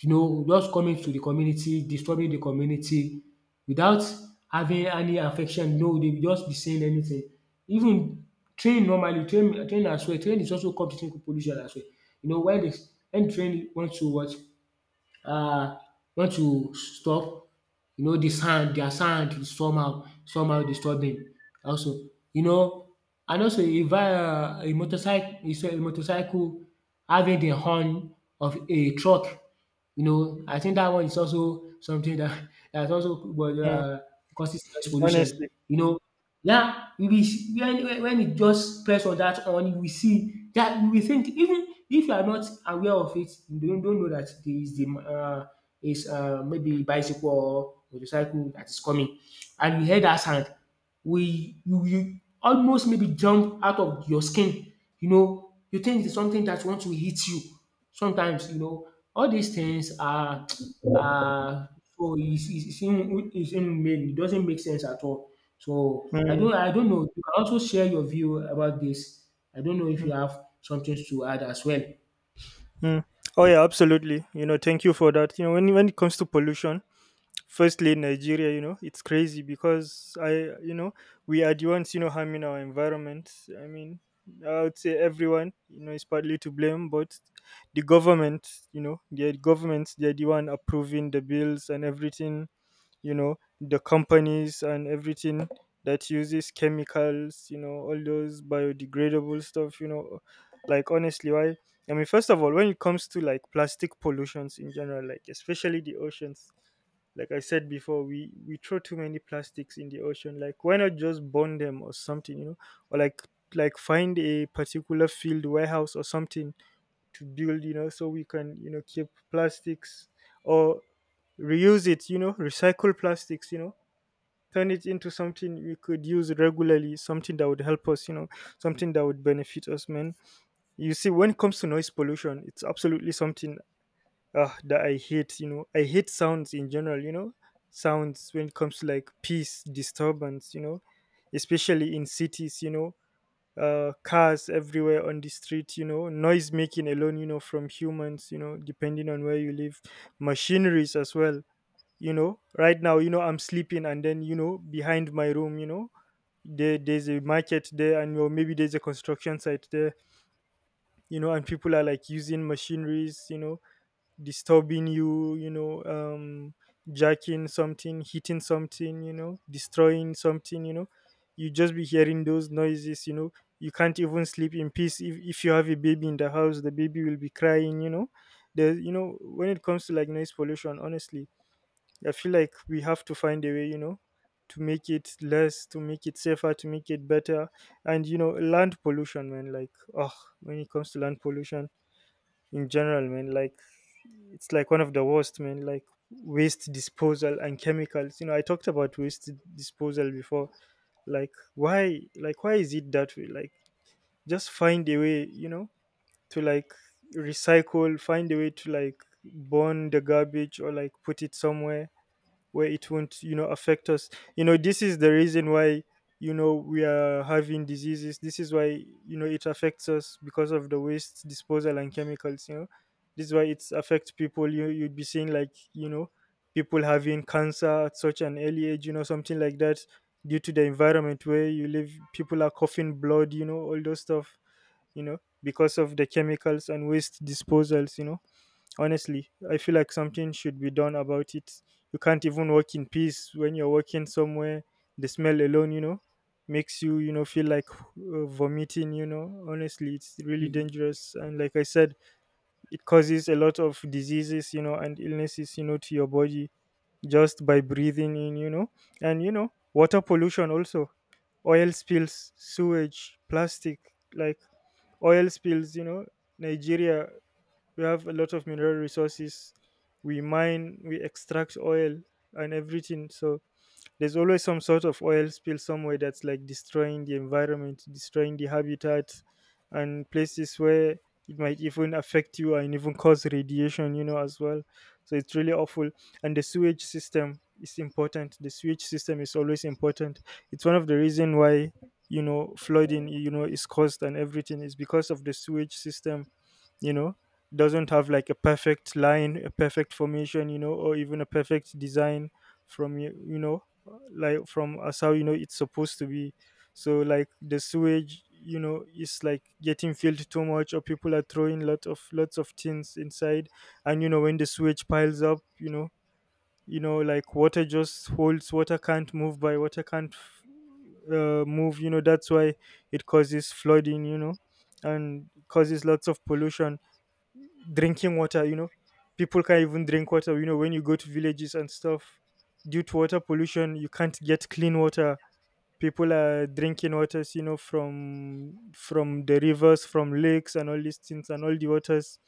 A: you know, just coming to the community, disturbing the community without having any affection. No, they will just be saying anything. Even train normally, train as well, train is also contributing to pollution as well. You know, when the when train wants to what, uh, want to stop, you know, their sound is somehow, somehow, disturbing also. You know, and also if a motorcycle, is a motorcycle having the horn of a truck, you know, I think that one is also something that dat also
B: Mm,
A: causes noise pollution.
B: honestly.
A: You know, yeah, we will s when when you just press on that on, you will see that you will think, even if you are not aware of it, you don't know that there is the is maybe bicycle or motorcycle that is coming, and you hear that sound, we you, you almost maybe jump out of your skin, you know, you think it's something that want to hit you. Sometimes, you know, all these things are uh so it's inhumane, it doesn't make sense at all. So
B: Mm,
A: I don't know, you can also share your view about this. I don't know if
B: mm,
A: you have something to add as well.
B: mm. Oh yeah, absolutely. Thank you for that. When it comes to pollution, firstly Nigeria, it's crazy. Because I you know we are the ones, harming our environment. I mean, I would say everyone, is partly to blame, but the government, their governments, they're the one approving the bills and everything. you know the companies and everything that uses chemicals, all those biodegradable stuff. Like honestly, why? I mean, first of all, when it comes to like plastic pollutions in general, like especially the oceans, like I said before, we throw too many plastics in the ocean. Like why not just burn them or something? Or like find a particular field warehouse or something to build, so we can, keep plastics, or reuse it. Recycle plastics, turn it into something we could use regularly, something that would help us, something that would benefit us, man. You see, when it comes to noise pollution, it's absolutely something that I hate. I hate sounds in general. Sounds, when it comes to like peace disturbance, especially in cities. Cars everywhere on the street, noise making alone, from humans, depending on where you live. Machineries as well. Right now, I'm sleeping and then, behind my room, there's a market there, and or maybe there's a construction site there. And people are like using machineries, disturbing you, jacking something, hitting something, destroying something. You know. You just be hearing those noises. You know. You can't even sleep in peace. If you have a baby in the house, the baby will be crying. When it comes to like noise pollution, honestly, I feel like we have to find a way, to make it less, to make it safer, to make it better. And, land pollution, man, like, oh, when it comes to land pollution in general, man, like, it's like one of the worst, man. Like waste disposal and chemicals. I talked about waste disposal before. Like why? Like why is it that way? Like just find a way. To like recycle. Find a way to like burn the garbage or like put it somewhere where it won't affect us. This is the reason why, we are having diseases. This is why, it affects us, because of the waste disposal and chemicals. This is why it's affect people. You'd be seeing like, people having cancer at such an early age, something like that, due to the environment where you live. People are coughing blood, all those stuff, because of the chemicals and waste disposals. Honestly, I feel like something should be done about it. You can't even work in peace when you're working somewhere. The smell alone, makes you, you know feel like vomiting. Honestly, it's really dangerous. And like I said, it causes a lot of diseases, and illnesses, to your body, just by breathing in. And, water pollution also. Oil spills, sewage, plastic. Like, oil spills. Nigeria, we have a lot of mineral resources. We mine, we extract oil and everything. So there's always some sort of oil spill somewhere that's like destroying the environment, destroying the habitat, and places where it might even affect you and even cause radiation, as well. So it's really awful. And the sewage system is important. The sewage system is always important. It's one of the reason why, flooding, is caused. And everything is because of the sewage system. You know, doesn't have like a perfect line, a perfect formation, or even a perfect design from you. You know Like from as how it's supposed to be. So like the sewage, is like getting filled too much, or people are throwing lot of lots of things inside. And, when the sewage piles up, like water just holds, water can't move by, water can't move. That's why it causes flooding. And causes lots of pollution. Drinking water, people can't even drink water. When you go to villages and stuff, due to water pollution, you can't get clean water. People are drinking waters, from the rivers, from lakes and all these things. And all the waters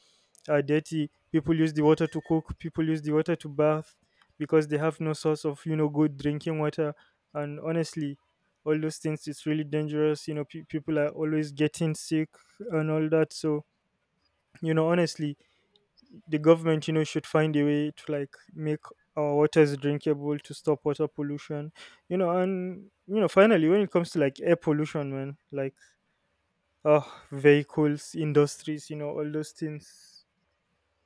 B: are dirty. People use the water to cook, people use the water to bath, because they have no source of, good drinking water. And honestly, all those things, it's really dangerous. People are always getting sick and all that. So, honestly, the government, should find a way to like make our waters drinkable, to stop water pollution. And, finally, when it comes to like air pollution, man, like, oh, vehicles, industries, all those things.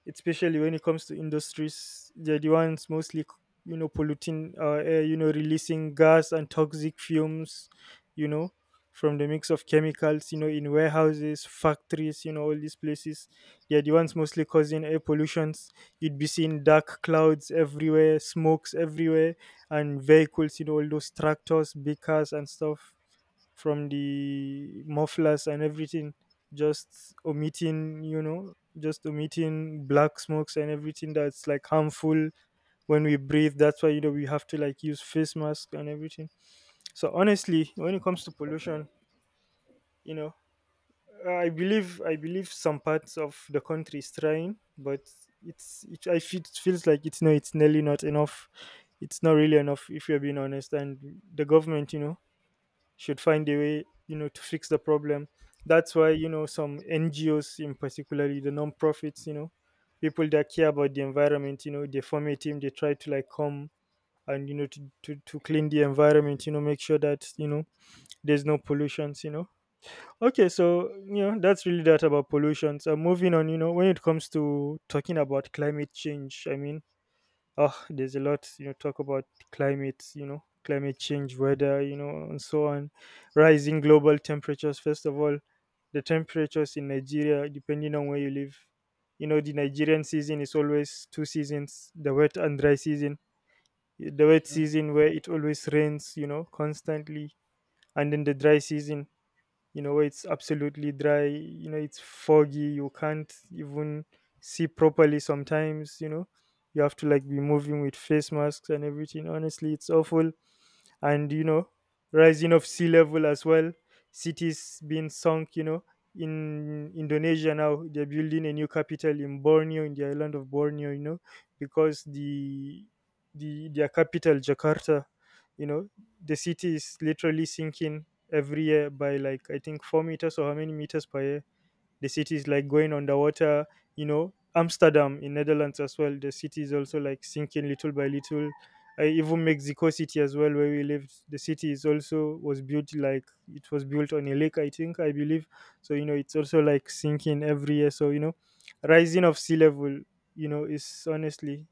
B: Especially when it comes to industries, they're the ones mostly polluting our air. Releasing gas and toxic fumes, you know from the mix of chemicals, in warehouses, factories, all these places. They're the ones mostly causing air pollutions. You'd be seeing dark clouds everywhere, smokes everywhere, and vehicles, all those tractors, big cars and stuff, from the mufflers and everything. Just omitting, just omitting black smokes and everything that's like harmful when we breathe. That's why, we have to like use face mask and everything. So honestly, when it comes to pollution, you know I believe some parts of the country is trying, but it's it, I feel, it feels like it's no, it's nearly not enough. It's not really enough, if you're being honest. And the government, should find a way, to fix the problem. That's why, some NGOs in particularly the non-profits, people that care about the environment, they form a team. They try to like come and, to clean the environment. Make sure that, there's no pollutions. Okay, so, that's really that about pollutions. So moving on, when it comes to talking about climate change, I mean, oh, there's a lot, talk about. Climate, climate change, weather, and so on. Rising global temperatures, first of all. The temperatures in Nigeria, depending on where you live, the Nigerian season is always two seasons, the wet and dry season. The wet season where it always rains, constantly. And then the dry season, where it's absolutely dry. It's foggy, you can't even see properly sometimes. You have to like be moving with face masks and everything. Honestly, it's awful. And, rising of sea level as well, cities being sunk. In Indonesia, now they're building a new capital in Borneo, in the island of Borneo. Because the their capital Jakarta, you know the city is literally sinking every year by like I think 4 meters, or how many meters per year. The city is like going underwater. Amsterdam in Netherlands as well, the city is also like sinking little by little. Even Mexico City as well, where we lived. The city is also was built like, it was built on a lake, I think, I believe. So, it's also like sinking every year. So, rising of sea level, is honestly,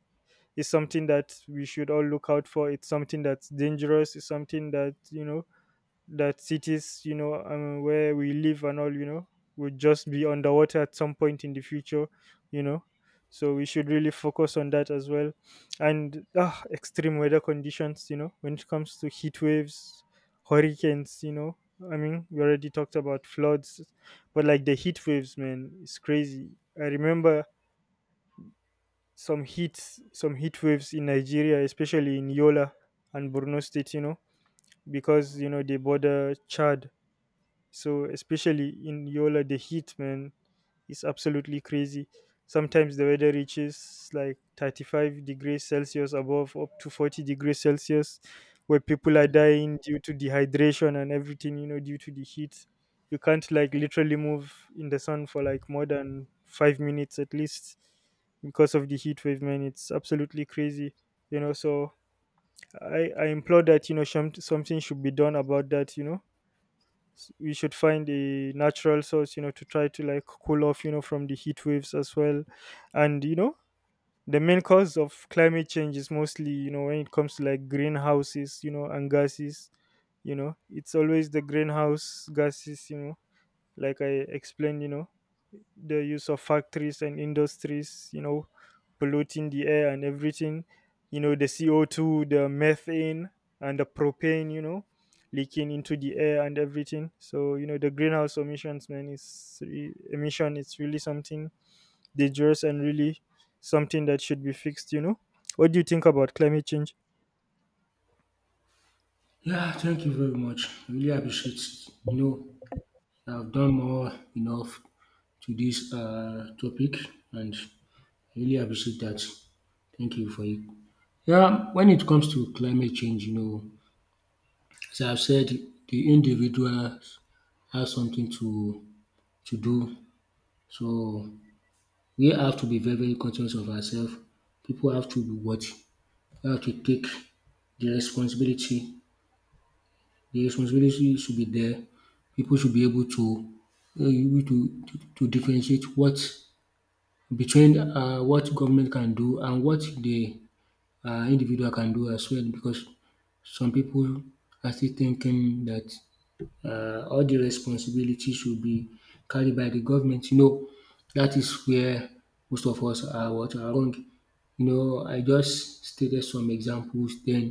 B: is something that we should all look out for. It's something that's dangerous. It's something that, that cities, where we live and all, would just be underwater at some point in the future. you know. So we should really focus on that as well. And ah, extreme weather conditions, when it comes to heat waves, hurricanes. I mean, we already talked about floods. But like the heat waves, man, it's crazy. I remember some heat, some heat waves in Nigeria, especially in Yola and Borno State, because they border Chad. So especially in Yola, the heat, man, is absolutely crazy. Sometimes the weather reaches like 35 degrees Celsius, above up to 40 degrees Celsius, where people are dying due to dehydration and everything, due to the heat. You can't like literally move in the sun for like more than 5 minutes at least, because of the heat wave, man. It's absolutely crazy, So I implore that, something should be done about that. We should find a natural source to try to like cool off from the heat waves as well. And the main cause of climate change is mostly, when it comes to like greenhouses and gases. It's always the greenhouse gases, like I explained. The use of factories and industries, polluting the air and everything, the CO2, the methane, and the propane, leaking into the air and everything. So, the greenhouse emissions, man, is emission, it's really something dangerous and really something that should be fixed. What do you think about climate change?
A: Yeah, thank you very much. I really appreciate it. You know, I've done more enough to this topic, and I really appreciate that. Thank you for it. Yeah, when it comes to climate change, you know, as I've said, the individual has something to do. So we have to be very very conscious of ourselves. People have to be what? We have to take the responsibility. The responsibility should be there. People should be able to, able to differentiate what, between, what government can do and what the individual can do as well, because some people are still thinking that all the responsibility should be carried by the government. You know, that is where most of us are what? Are wrong. You know, I just stated some examples. Then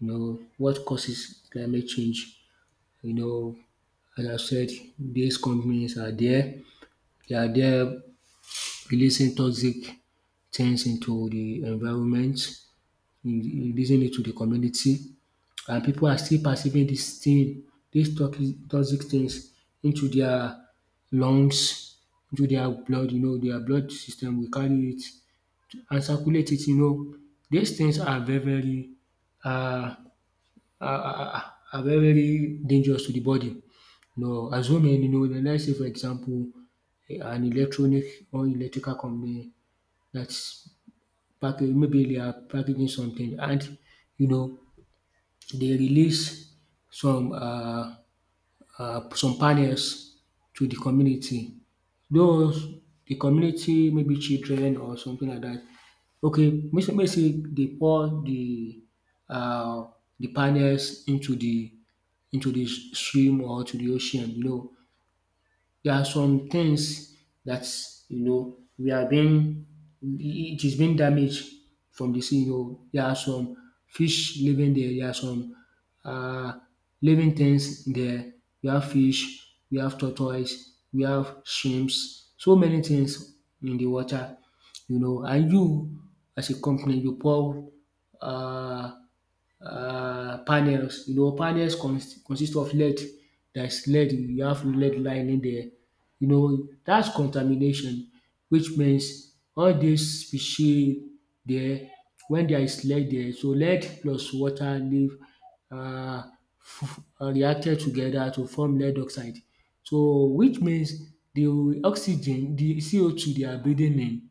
A: you know what causes climate change. You know, as I said, these companies are there, they are there releasing toxic things into the environment, releasing it to the community, and people are still perceiving dis thing, these toxic, toxic things into their lungs, into their blood, you know, their blood system will carry it and circulate it, you know. These things are very very um are, are very very dangerous to the body. Now assuming, you know, like, let's say, for example, an electronic or electrical company that's, dat maybe they are packaging something, and you know, they release some um some panels to the community. Those, the community, maybe children or something like that. Okay, make make sey dey pour um the panels into the stream or to the ocean, you know. There are some things that, you know, we are being, it is being damaged from the sea. You know, there are some fish living there, there are some, uh, living things there. We have fish, we have tortoise, we have shrimps, so many things in the water, you know. And you, as a company, you pour, uh, panels. You know, panels consist of lead. There's lead, you have lead lining there. You know, that's contamination, which means all these species there, when there is lead there, so lead plus water leave, uh, reacted together to form lead oxide. So which means the oxygen, the CO2 they are breathing in,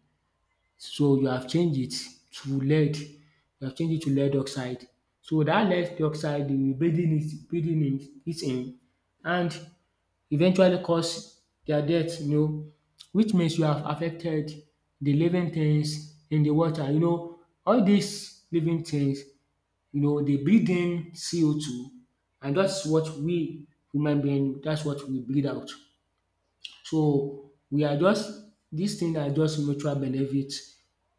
A: so you have changed it to lead, you have changed it to lead oxide. So that lead oxide dey breathing it in and eventually cause their death, you know, which means you have affected the living things in the water. You know all these living things, you know, they breathe in CO2, and that's what we human being, that's what we breathe out. So we are just this thing na just mutual benefit.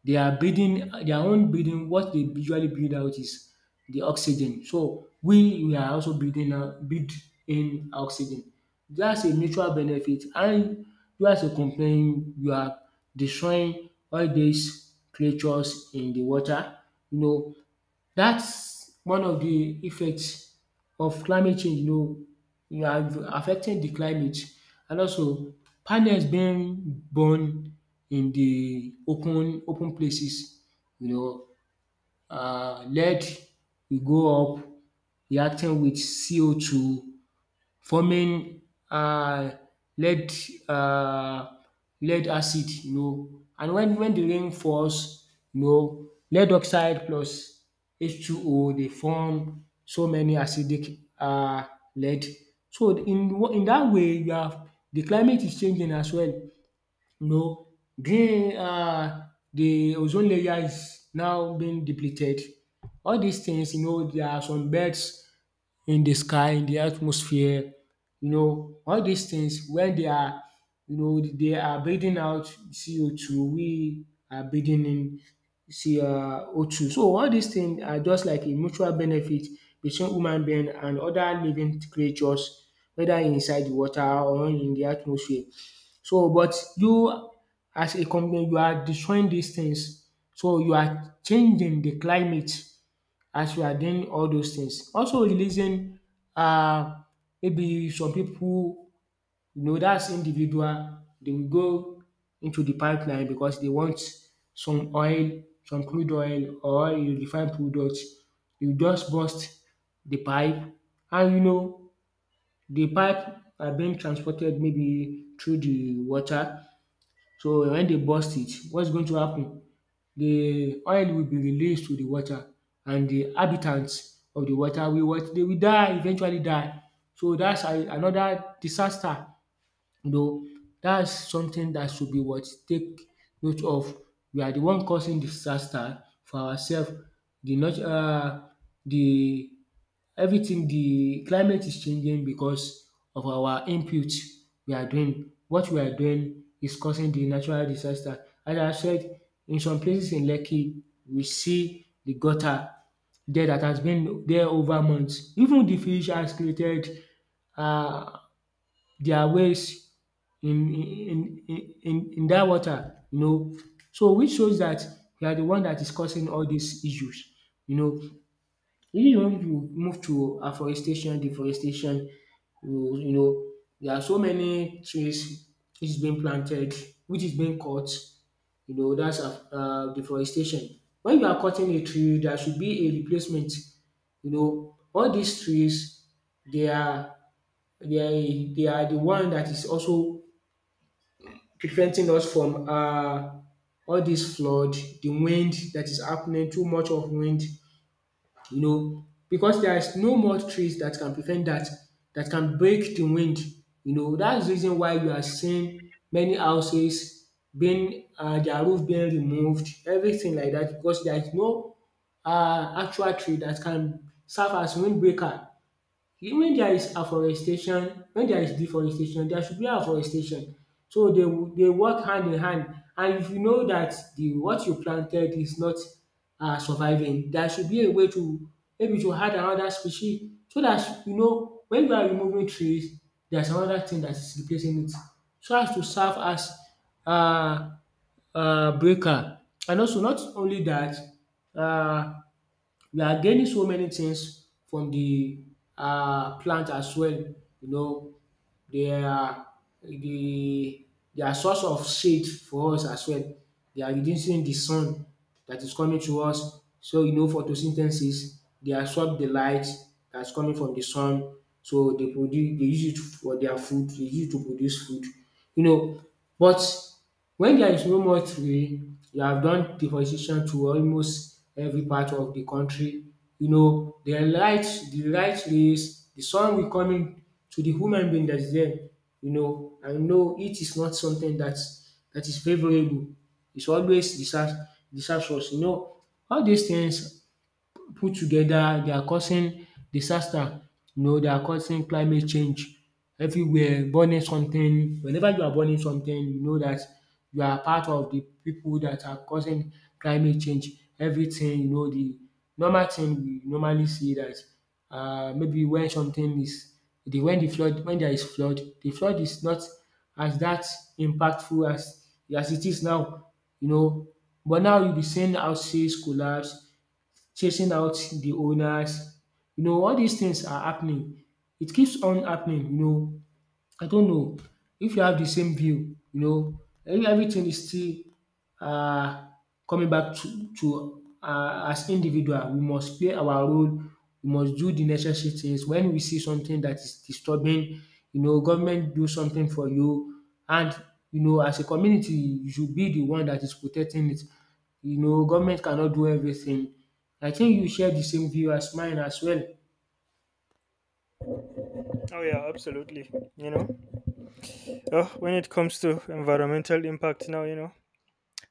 A: They are building their own building. What they usually build out is the oxygen. So we are also building out build in oxygen. That's a mutual benefit, and you as a company, you are destroying all these creatures in the water. You know that's one of the effects of climate change, you know. You are affecting the climate, and also panels being burned in the open places, you know. Lead will go up reacting with CO2, forming um lead, um lead acid, you know. And when de rain falls, you know, lead oxide plus H2O dey form so many acidic lead. So in dat way you are, de climate is changing as well, you know. Green De ozone layer is now being depleted. All dis things, you know, there are some birds in the sky, in the atmosphere. You know, all these things, when they are, you know, they are breathing out CO2, we are breathing in CO2. So all these things are just like a mutual benefit between human being and other living creatures, whether inside the water or in the atmosphere. So, but you as a company, you are destroying these things. So you are changing the climate as you are doing all those things. Also releasing uh, maybe some people, you know, that's individual, they will go into the pipeline because they want some oil, some crude oil or a refined product. You just burst the pipe, and you know the pipe are being transported maybe through the water, so when they burst it, what's going to happen? The oil will be released to the water, and the inhabitants of the water will what? They will die, eventually die. So that's a another disaster. You know, that's something that should be what, take note of. We are the one causing disaster for ourselves. The not the Everything, the climate is changing because of our input we are doing. What we are doing is causing the natural disaster. As I said, in some places in Lekki, we see the gutter there that has been there over months. Even the fish has created um their ways in that water, you know. So which shows that we are the one that is causing all these issues, you know. Even if you move to afforestation, deforestation, you know, there are so many trees which is being planted, which is being cut, you know, that's deforestation. When you are cutting a tree, there should be a replacement. You know, all these trees, they are they are the one that is also preventing us from all this flood, the wind that is happening, too much of wind, you know, because there is no more trees that can prevent that, that can break the wind. You know, that's the reason why you are seeing many houses being their roof being removed, everything like that, because there is no actual tree that can serve as windbreaker. When there is afforestation, when there is deforestation, there should be afforestation. So they will dey work hand in hand, and if you know that the what you planted is not surviving, there should be a way to maybe to add another species, so that you know when you are removing trees, there is another thing that is replacing it, so as to serve as um breaker. And also not only that, um we are gaining so many things from the plant as well, you know. They are the they are source of shade for us as well. They are reducing the sun that is coming to us. So you know photosynthesis, they absorb the light that's coming from the sun, so they use it for their food, they use it to produce food, you know. But when there is no more tree, you have done deforestation to almost every part of the country. You know, the light rays, the sun will come in to the human being that is there, you know, I know it is not something that is favourable. It's always disastrous. You know all these things put together, they are causing disaster, you know, they are causing climate change everywhere, burning something. Whenever you are burning something, you know that you are part of the people that are causing climate change. Everything, you know, the normal thing we normally see, that maybe when something is the when the flood, when there is flood, the flood is not as that impactful as it is now, you know, but now you be seeing houses collapse, chasing out the owners. You know all these things are happening. It keeps on happening. You know I don't know if you have the same view, you know, everything is still uh, coming back to as individual we must play our role, we must do the necessary things when we see something that is disturbing. You know, government do something for you, and you know as a community you should be the one that is protecting it. You know government cannot do everything. I think you share the same view as mine as well.
B: Oh, yeah, absolutely. You know, when it comes to environmental impact now,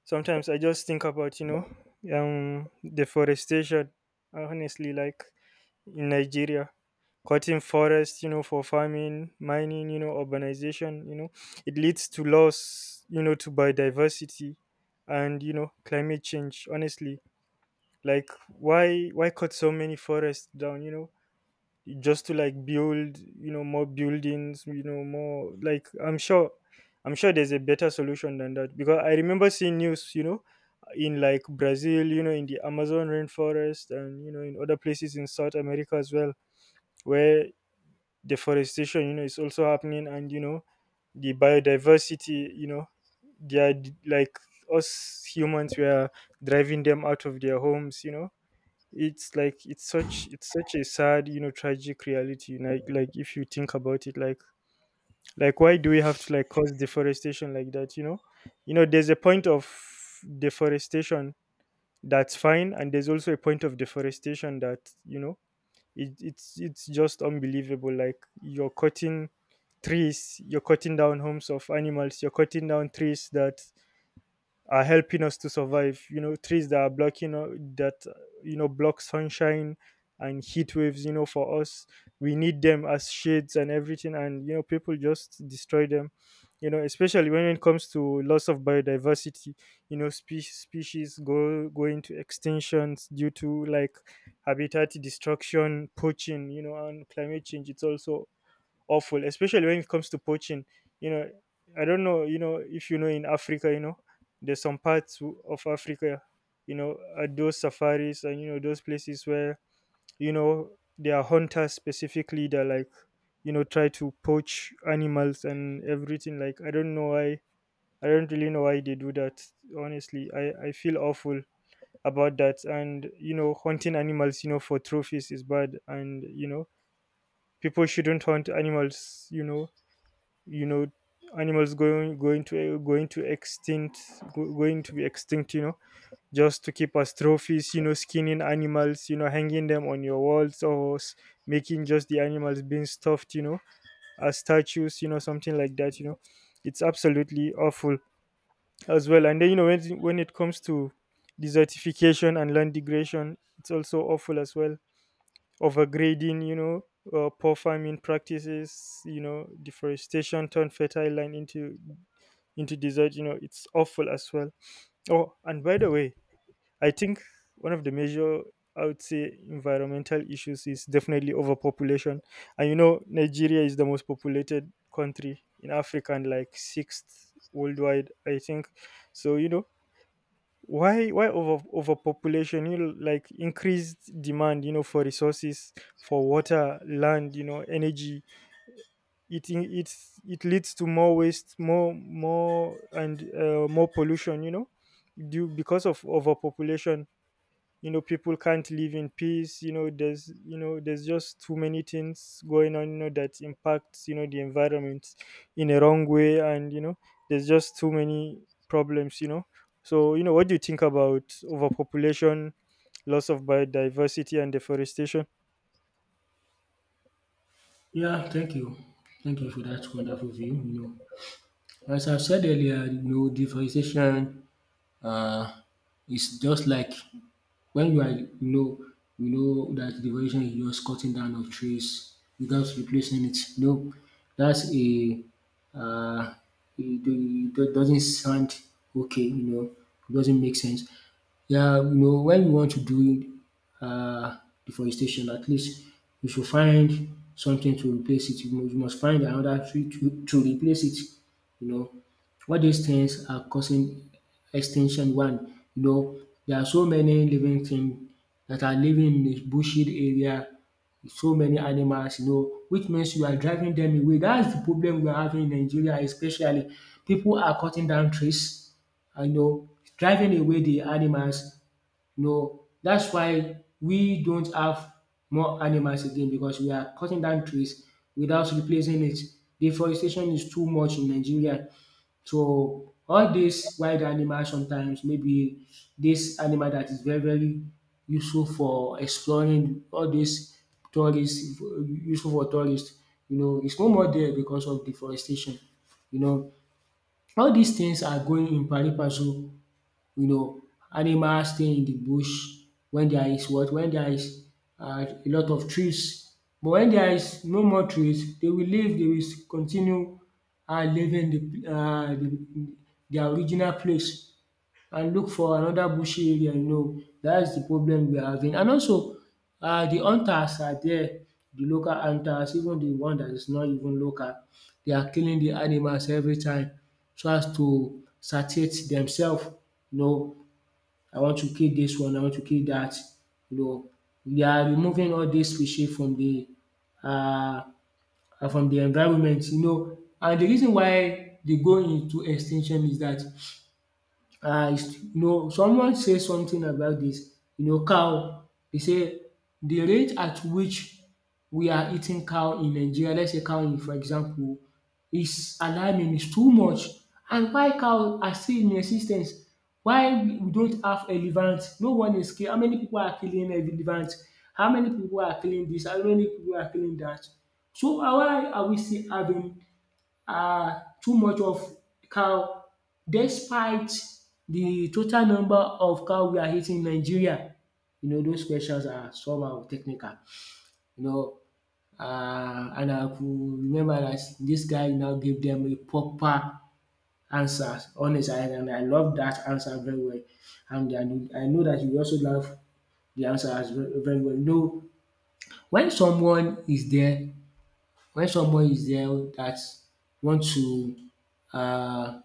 B: sometimes I just think about deforestation. Honestly, like in Nigeria, cutting forests, for farming, mining, urbanization, it leads to loss, to biodiversity and climate change. Honestly, like why cut so many forests down? Just to like build more buildings, more like, I'm sure there's a better solution than that, because I remember seeing news in like Brazil, in the Amazon rainforest, and in other places in South America as well, where deforestation is also happening. And the biodiversity, like us humans, we are driving them out of their homes. It's like it's such a sad, tragic reality. If you think about it, like, why do we have to like cause deforestation like that? There's a point of deforestation that's fine, and there's also a point of deforestation that it's just unbelievable. Like, you're cutting trees, you're cutting down homes of animals, you're cutting down trees that are helping us to survive, trees that are blocking, that block sunshine and heat waves, for us. We need them as shades and everything, and people just destroy them, especially when it comes to loss of biodiversity. Species go into extinctions due to like habitat destruction, poaching, and climate change. It's also awful, especially when it comes to poaching. You know, I don't know, if you know in Africa, there's some parts of Africa, you know, at those safaris, and those places where, you know, there are hunters specifically that, like, try to poach animals and everything. Like, I don't know why, I don't really know why they do that. Honestly, I feel awful about that. And, hunting animals, for trophies is bad. And, people shouldn't hunt animals you know Animals going to extinct, going to be extinct, just to keep as trophies, skinning animals, hanging them on your walls, or making, just the animals being stuffed, as statues, something like that. It's absolutely awful as well. And then, when it comes to desertification and land degradation, it's also awful as well. Overgrading, poor farming practices, deforestation turned fertile land into desert. You know, it's awful as well. Oh, and by the way, I think one of the major, I would say, environmental issues is definitely overpopulation. And Nigeria is the most populated country in Africa, and like sixth worldwide, I think. So, why overpopulation? Like, increased demand, for resources, for water, land, energy. It in- it's it leads to more waste, more pollution, due, because of overpopulation. People can't live in peace. There's just too many things going on, that impacts, the environment in a wrong way. And there's just too many problems. So, what do you think about overpopulation, loss of biodiversity, and deforestation?
A: Yeah, thank you. Thank you for that wonderful view, you know. As I said earlier, you know, differentiation um is just like when you are, you know that deforestation is just cutting down of trees without replacing it. No, that's a uh, it, it doesn't sound okay. You know, it doesn't make sense. Yeah, you know, when you want to do uh, deforestation, at least you should find something to replace it. You must find another tree to replace it. You know, all these things are causing extinction one. You know there are so many living things that are living in a bushy area, so many animals, you know, which means you are driving them away. That's the problem we are having in Nigeria especially. People are cutting down trees and, you know, driving away the animals. You know that's why we don't have more animals again, because we are cutting down trees without replacing it. Deforestation is too much in Nigeria, so all these wild animals, sometimes maybe this animal that is very useful for exploring all these tourists, useful for tourists, you know, it's no more there because of deforestation, you know. All these things are going in pari passu, you know, animals staying in the bush when there is what? When there is a lot of trees. But when there is no more trees, they will leave, they will continue leaving the their original place and look for another bushy area, you know. That is the problem we are having. And also the hunters are there, the local hunters, even the one that is not even local, they are killing the animals every time so as to satiate themselves, you know. I want to kill this one, I want to kill that. You know, we are removing all these species uh, from the environment, you know. And the reason why they go into extinction is that is you know someone says something about this, you know, cow. They say the rate at which we are eating cow in Nigeria, let's say cow in, for example, is alarming, is too much, and why cow are still in existence? Why we don't have elephants? No one is kill How many people are killing elephants? How many people are killing this, how many people are killing that, so why are we still having too much of cow despite the total number of cow we are eating in Nigeria? You know those questions are somehow technical. You know, and I could remember that this guy now gave them a proper answer honest, and I love that answer very well, and I know that you also love the answer as very well. You know when someone is there, when someone is there that want to uh.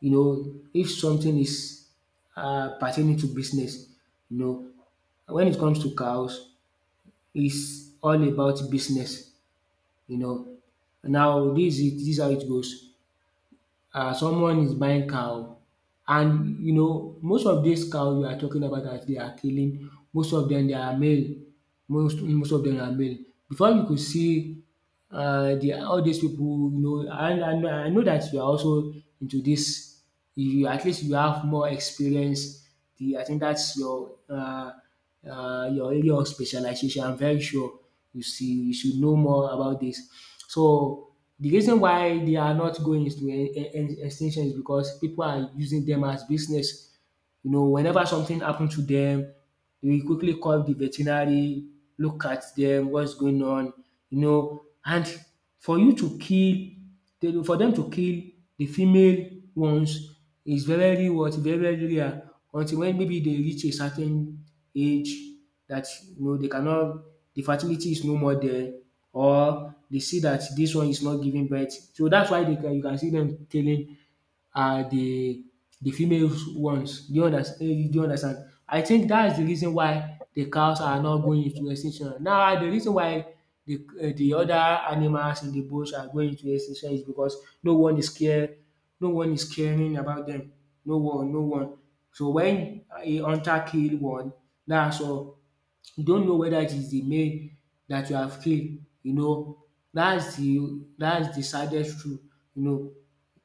A: you know, if something is pertaining to business, you know, when it comes to cows, it's all about business, you know. Now, this is how it goes. Someone is buying cow, and you know, most of these cow you are talking about that they are killing, most of them they are male. Most of them are male. Before you could see the all these people, you know, and I know that you are also into this you, at least you have more experience. The I think that's your area of specialization. I'm very sure you see you should know more about this. So the reason why they are not going into extinction is because people are using them as business. You know, whenever something happened to them, we quickly call the veterinary, look at them, what's going on, you know. And for you to kill, for them to kill the female ones is very, very what very, very rare until when maybe they reach a certain age that you know they cannot, the fertility is no more there, or they see that this one is not giving birth. So that's why they can you can see them tailing are the females ones. Do you understand? Do you understand? I think that is the reason why the cows are not going into extinction. Now the reason why the other animals in the bush are going into extinction is because no one is care no one is caring about them. No one. So when a hunter kill one, dats all. You don't know whether it is the male that you have killed, you know. That is the saddest truth, you know,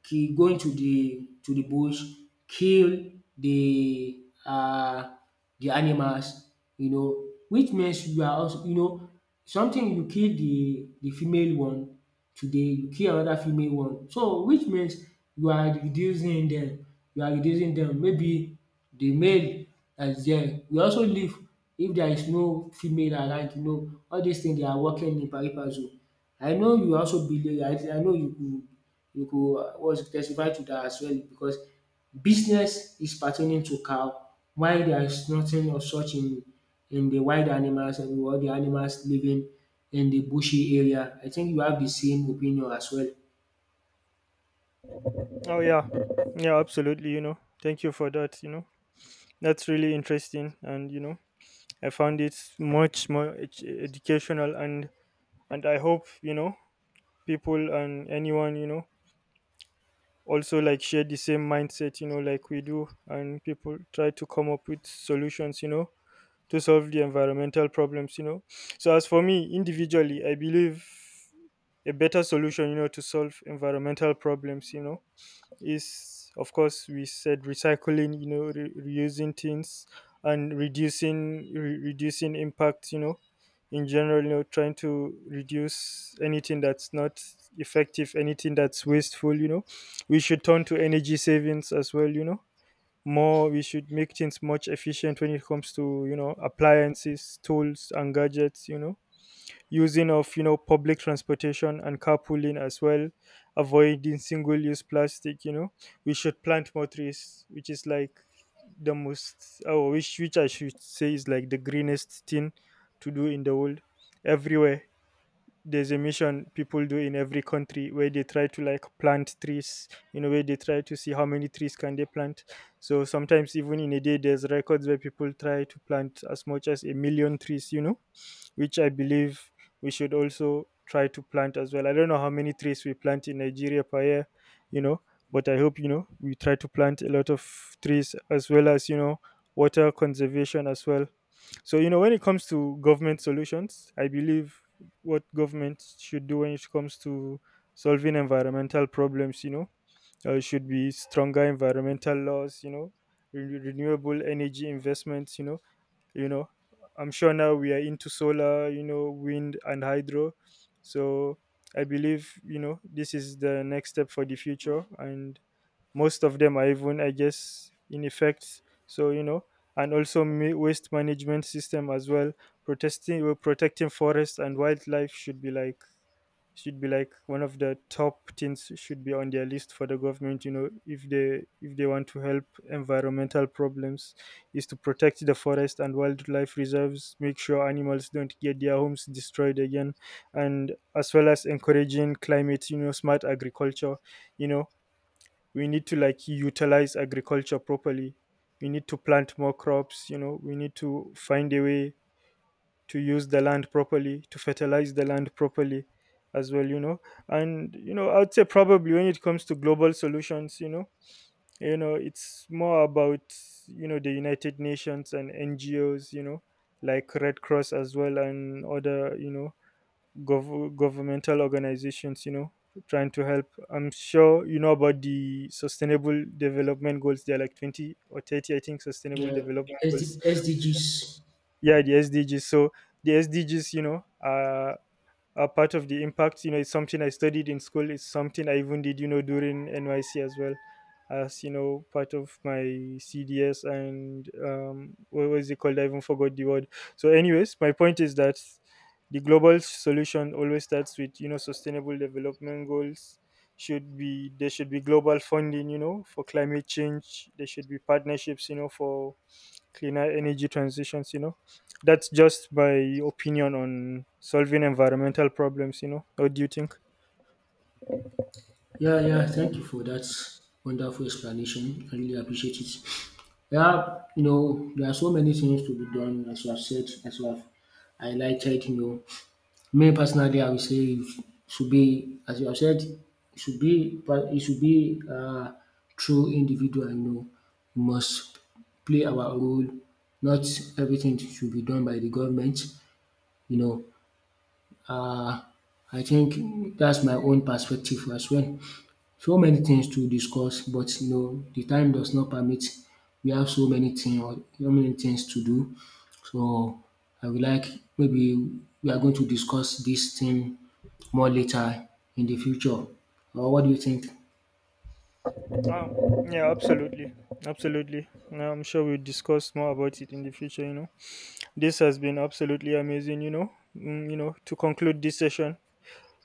A: going to the bush, kill the uh the animals, you know, which means you are also, you know, something, you kill the female one today, you kill another female one. So which means you are reducing them. You are reducing them. Maybe the male dat is there will also leave if there is no female around, you know. All these things they are working in pari passu. I know you also believe, I know you, you could what is it testify to that as well because business is pertaining to cow. Why there is nothing of such in the wild animals and all the animals living in the bushy area. I think you have the same opinion as well.
B: Oh yeah, yeah, absolutely. Thank you for that. That's really interesting. And I found it much more educational. And I hope, people and anyone, also like share the same mindset, like we do, and people try to come up with solutions, to solve the environmental problems. So, as for me individually, I believe a better solution, to solve environmental problems, is of course, we said, recycling, reusing things, and reducing, reducing impact, in general. Trying to reduce anything that's not effective, anything that's wasteful. We should turn to energy savings as well. More, we should make things much efficient when it comes to, appliances, tools, and gadgets, using of, public transportation and carpooling as well. Avoiding single use plastic. We should plant more trees, which is like the most oh which I should say is like the greenest thing to do in the world, everywhere. There's a mission people do in every country where they try to like plant trees. You know, where they try to see how many trees can they plant. So sometimes even in a day there's records where people try to plant as much as a million trees, which I believe we should also try to plant as well. I don't know how many trees we plant in Nigeria per year, you know, but I hope, you know, we try to plant a lot of trees, as well as, water conservation as well. So, when it comes to government solutions, I believe what government should do when it comes to solving environmental problems, should be stronger environmental laws, renewable energy investments. You know I'm sure now we are into solar, wind, and hydro. So I believe, this is the next step for the future, and most of them are even, I guess, in effect. So, and also, waste management system as well. Protesting Protecting forests and wildlife should be like, one of the top things should be on their list for the government. If they want to help environmental problems, is to protect the forest and wildlife reserves, make sure animals don't get their homes destroyed again. And as well as encouraging climate, smart agriculture. you know we need to like utilize agriculture properly. We need to plant more crops. We need to find a way to use the land properly, to fertilize the land properly as well, you know. And I'd say probably when it comes to global solutions, it's more about, the United Nations and NGOs, like Red Cross as well, and other, governmental organizations, trying to help. I'm sure you know about the sustainable development goals. They're like 20 or 30, I think, sustainable
A: Yeah.
B: development
A: SD,
B: goals.
A: SDGs.
B: Yeah, the SDGs. So the SDGs, are part of the impact. It's something I studied in school. It's something I even did, during NYC as well, as part of my CDS. And what was it called, I even forgot the word. So anyways, my point is that the global solution always starts with, sustainable development goals. Should be, there should be global funding, for climate change. There should be partnerships, for cleaner energy transitions. That's just my opinion on solving environmental problems. What do you think?
A: Yeah, yeah. Thank you for that wonderful explanation. I really appreciate it. Yeah, you know, there are so many things to be done, as you have said, as you have highlighted, you know. Me personally, I would say it should be, as you have said, it should be it should be through individual, you know. We must play our role. Not everything should be done by the government, you know. uh, I think that's my own perspective as well. So many things to discuss but you know the time does not permit. We have so many things to do. So I would like maybe we are going to discuss this thing more later in the future, or what do you think?
B: um, yeah, absolutely, absolutely. Now, I'm sure we'll discuss more about it in the future. This has been absolutely amazing. To conclude this session,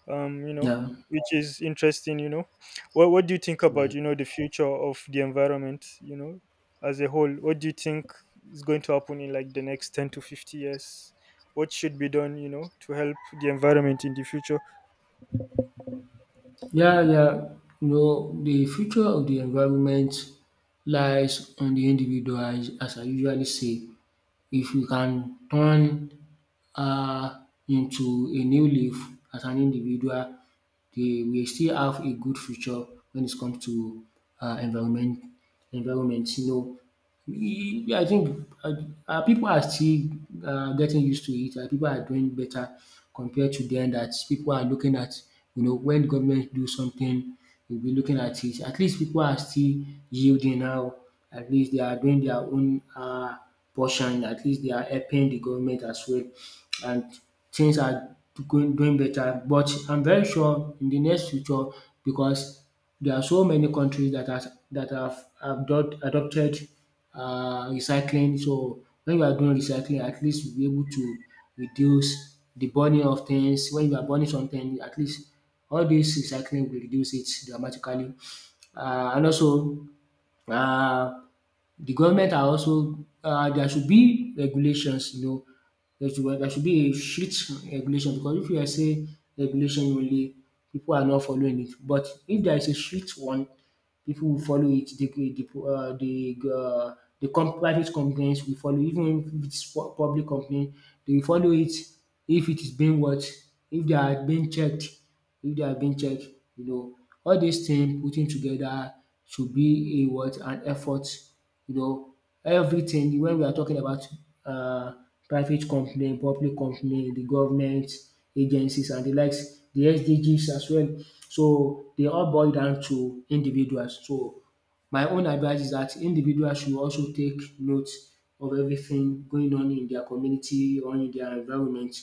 B: um you know
A: Yeah.
B: which is interesting. What do you think about, the future of the environment, as a whole? What do you think is going to happen in like the next 10 to 50 years? What should be done, to help the environment in the future?
A: Yeah, yeah. You know, the future of the environment lies on the individual, as I usually say. If you can turn into a new leaf as an individual, they will still have a good future when it comes to environment, environment, you know. I think people are still getting used to it, and pipu are doing better compared to then that people are looking at, you know, when government do something they'll be looking at it. At least people are still yielding now, at least they are doing their own portion, at least they are helping the government as well, and things are going doing better. But I'm very sure in the next future, because there are so many countries that has that have adopted recycling, so when you are doing recycling, at least you'll be able to reduce the burning of things. When you are burning something, at least all this recycling will reduce it dramatically. And also uh. the government are also, there should be regulations, you know. There should be a strict regulation, because if you are say regulation only, people are not following it. But if there is a strict one, people will follow it. The private companies will follow. Even if it's public company, they will follow it if it is being watched, if they are being checked, if they are being checked. You know, all these things putting together should be a what an effort. You know, everything when we are talking about um private company, public company, the government agencies and the likes, the SDGs as well. So they all boil down to individuals. So my own advice is that individuals should also take note of everything going on in their community or in their environment.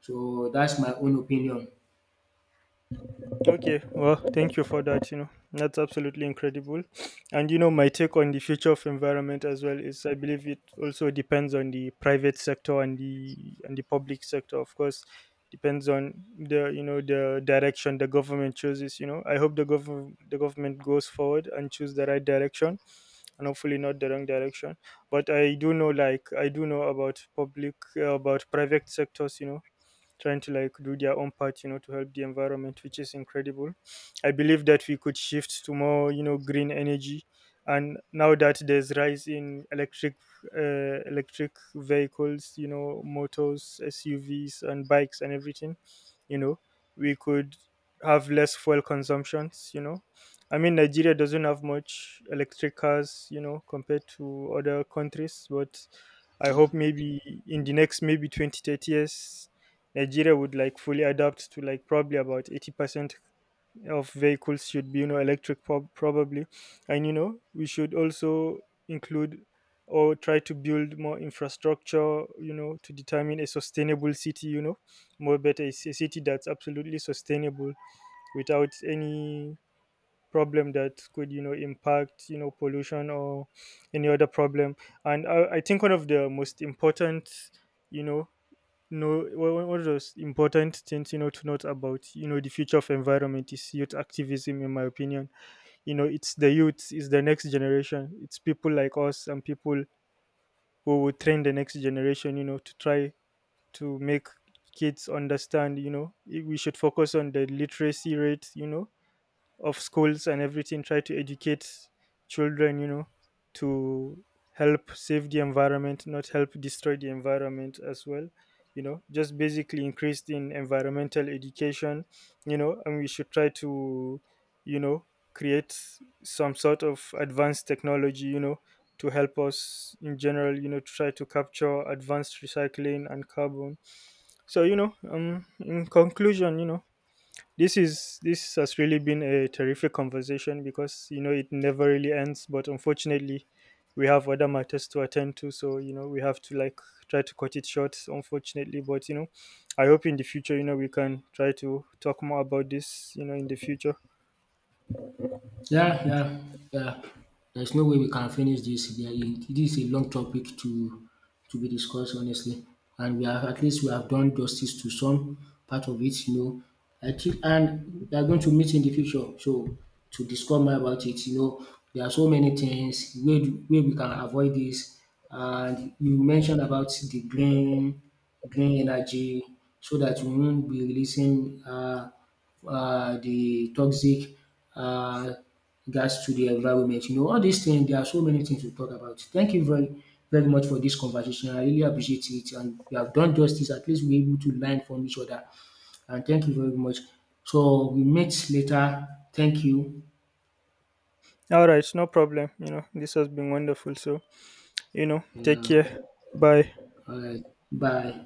A: So that's my own opinion.
B: Okay, well, thank you for that. You know, that's absolutely incredible. And my take on the future of environment as well, is I believe it also depends on the private sector and the public sector, of course. Depends on the you know the direction the government chooses. You know, I hope the government goes forward and choose the right direction, and hopefully not the wrong direction. But I do know, like I do know about public about private sectors. You know, trying to like do their own part, to help the environment, which is incredible. I believe that we could shift to more, green energy. And now that there's rise in electric vehicles, motors, SUVs, and bikes, and everything, you know we could have less fuel consumptions. I mean, Nigeria doesn't have much electric cars, compared to other countries, but I hope maybe in the next, maybe 20 to 30 years, Nigeria would like fully adapt to like probably about 80% of vehicles should be, electric, probably. And we should also include, or try to build, more infrastructure, to determine a sustainable city. More better, a city that's absolutely sustainable without any problem that could, impact, pollution or any other problem. And I think one of the most important, you know no, one of those important things, to note about, the future of environment, is youth activism, in my opinion. You know, it's the youth, it's the next generation, it's people like us, and people who will train the next generation. You know, to try to make kids understand. You know, we should focus on the literacy rate. You know, of schools and everything, try to educate children, to help save the environment, not help destroy the environment as well. Just basically increased in environmental education. And we should try to, you know create some sort of advanced technology, to help us in general, to try to capture advanced recycling and carbon. So, in conclusion, this has really been a terrific conversation, because, it never really ends, but unfortunately we have other matters to attend to. So, we have to like try to cut it short, unfortunately. But, I hope in the future, we can try to talk more about this, in the future.
A: Yeah, yeah, yeah. There's no way we can finish this. This is a long topic to be discussed, honestly. And we have, at least we have done justice to some part of it, you know. I think, and we are going to meet in the future, so to discuss more about it, you know, there are so many things where where we can avoid this. And you mentioned about the green energy, so that we won't be releasing the toxic uh, regards to the environment. You know, all these things, there are so many things to talk about. Thank you very, very much for this conversation. I really appreciate it. And we have done justice. At least we're able to learn from each other. And thank you very much. So we meet later. Thank you.
B: All right, no problem. This has been wonderful. So, take
A: Yeah.
B: care. Bye.
A: All right. Bye.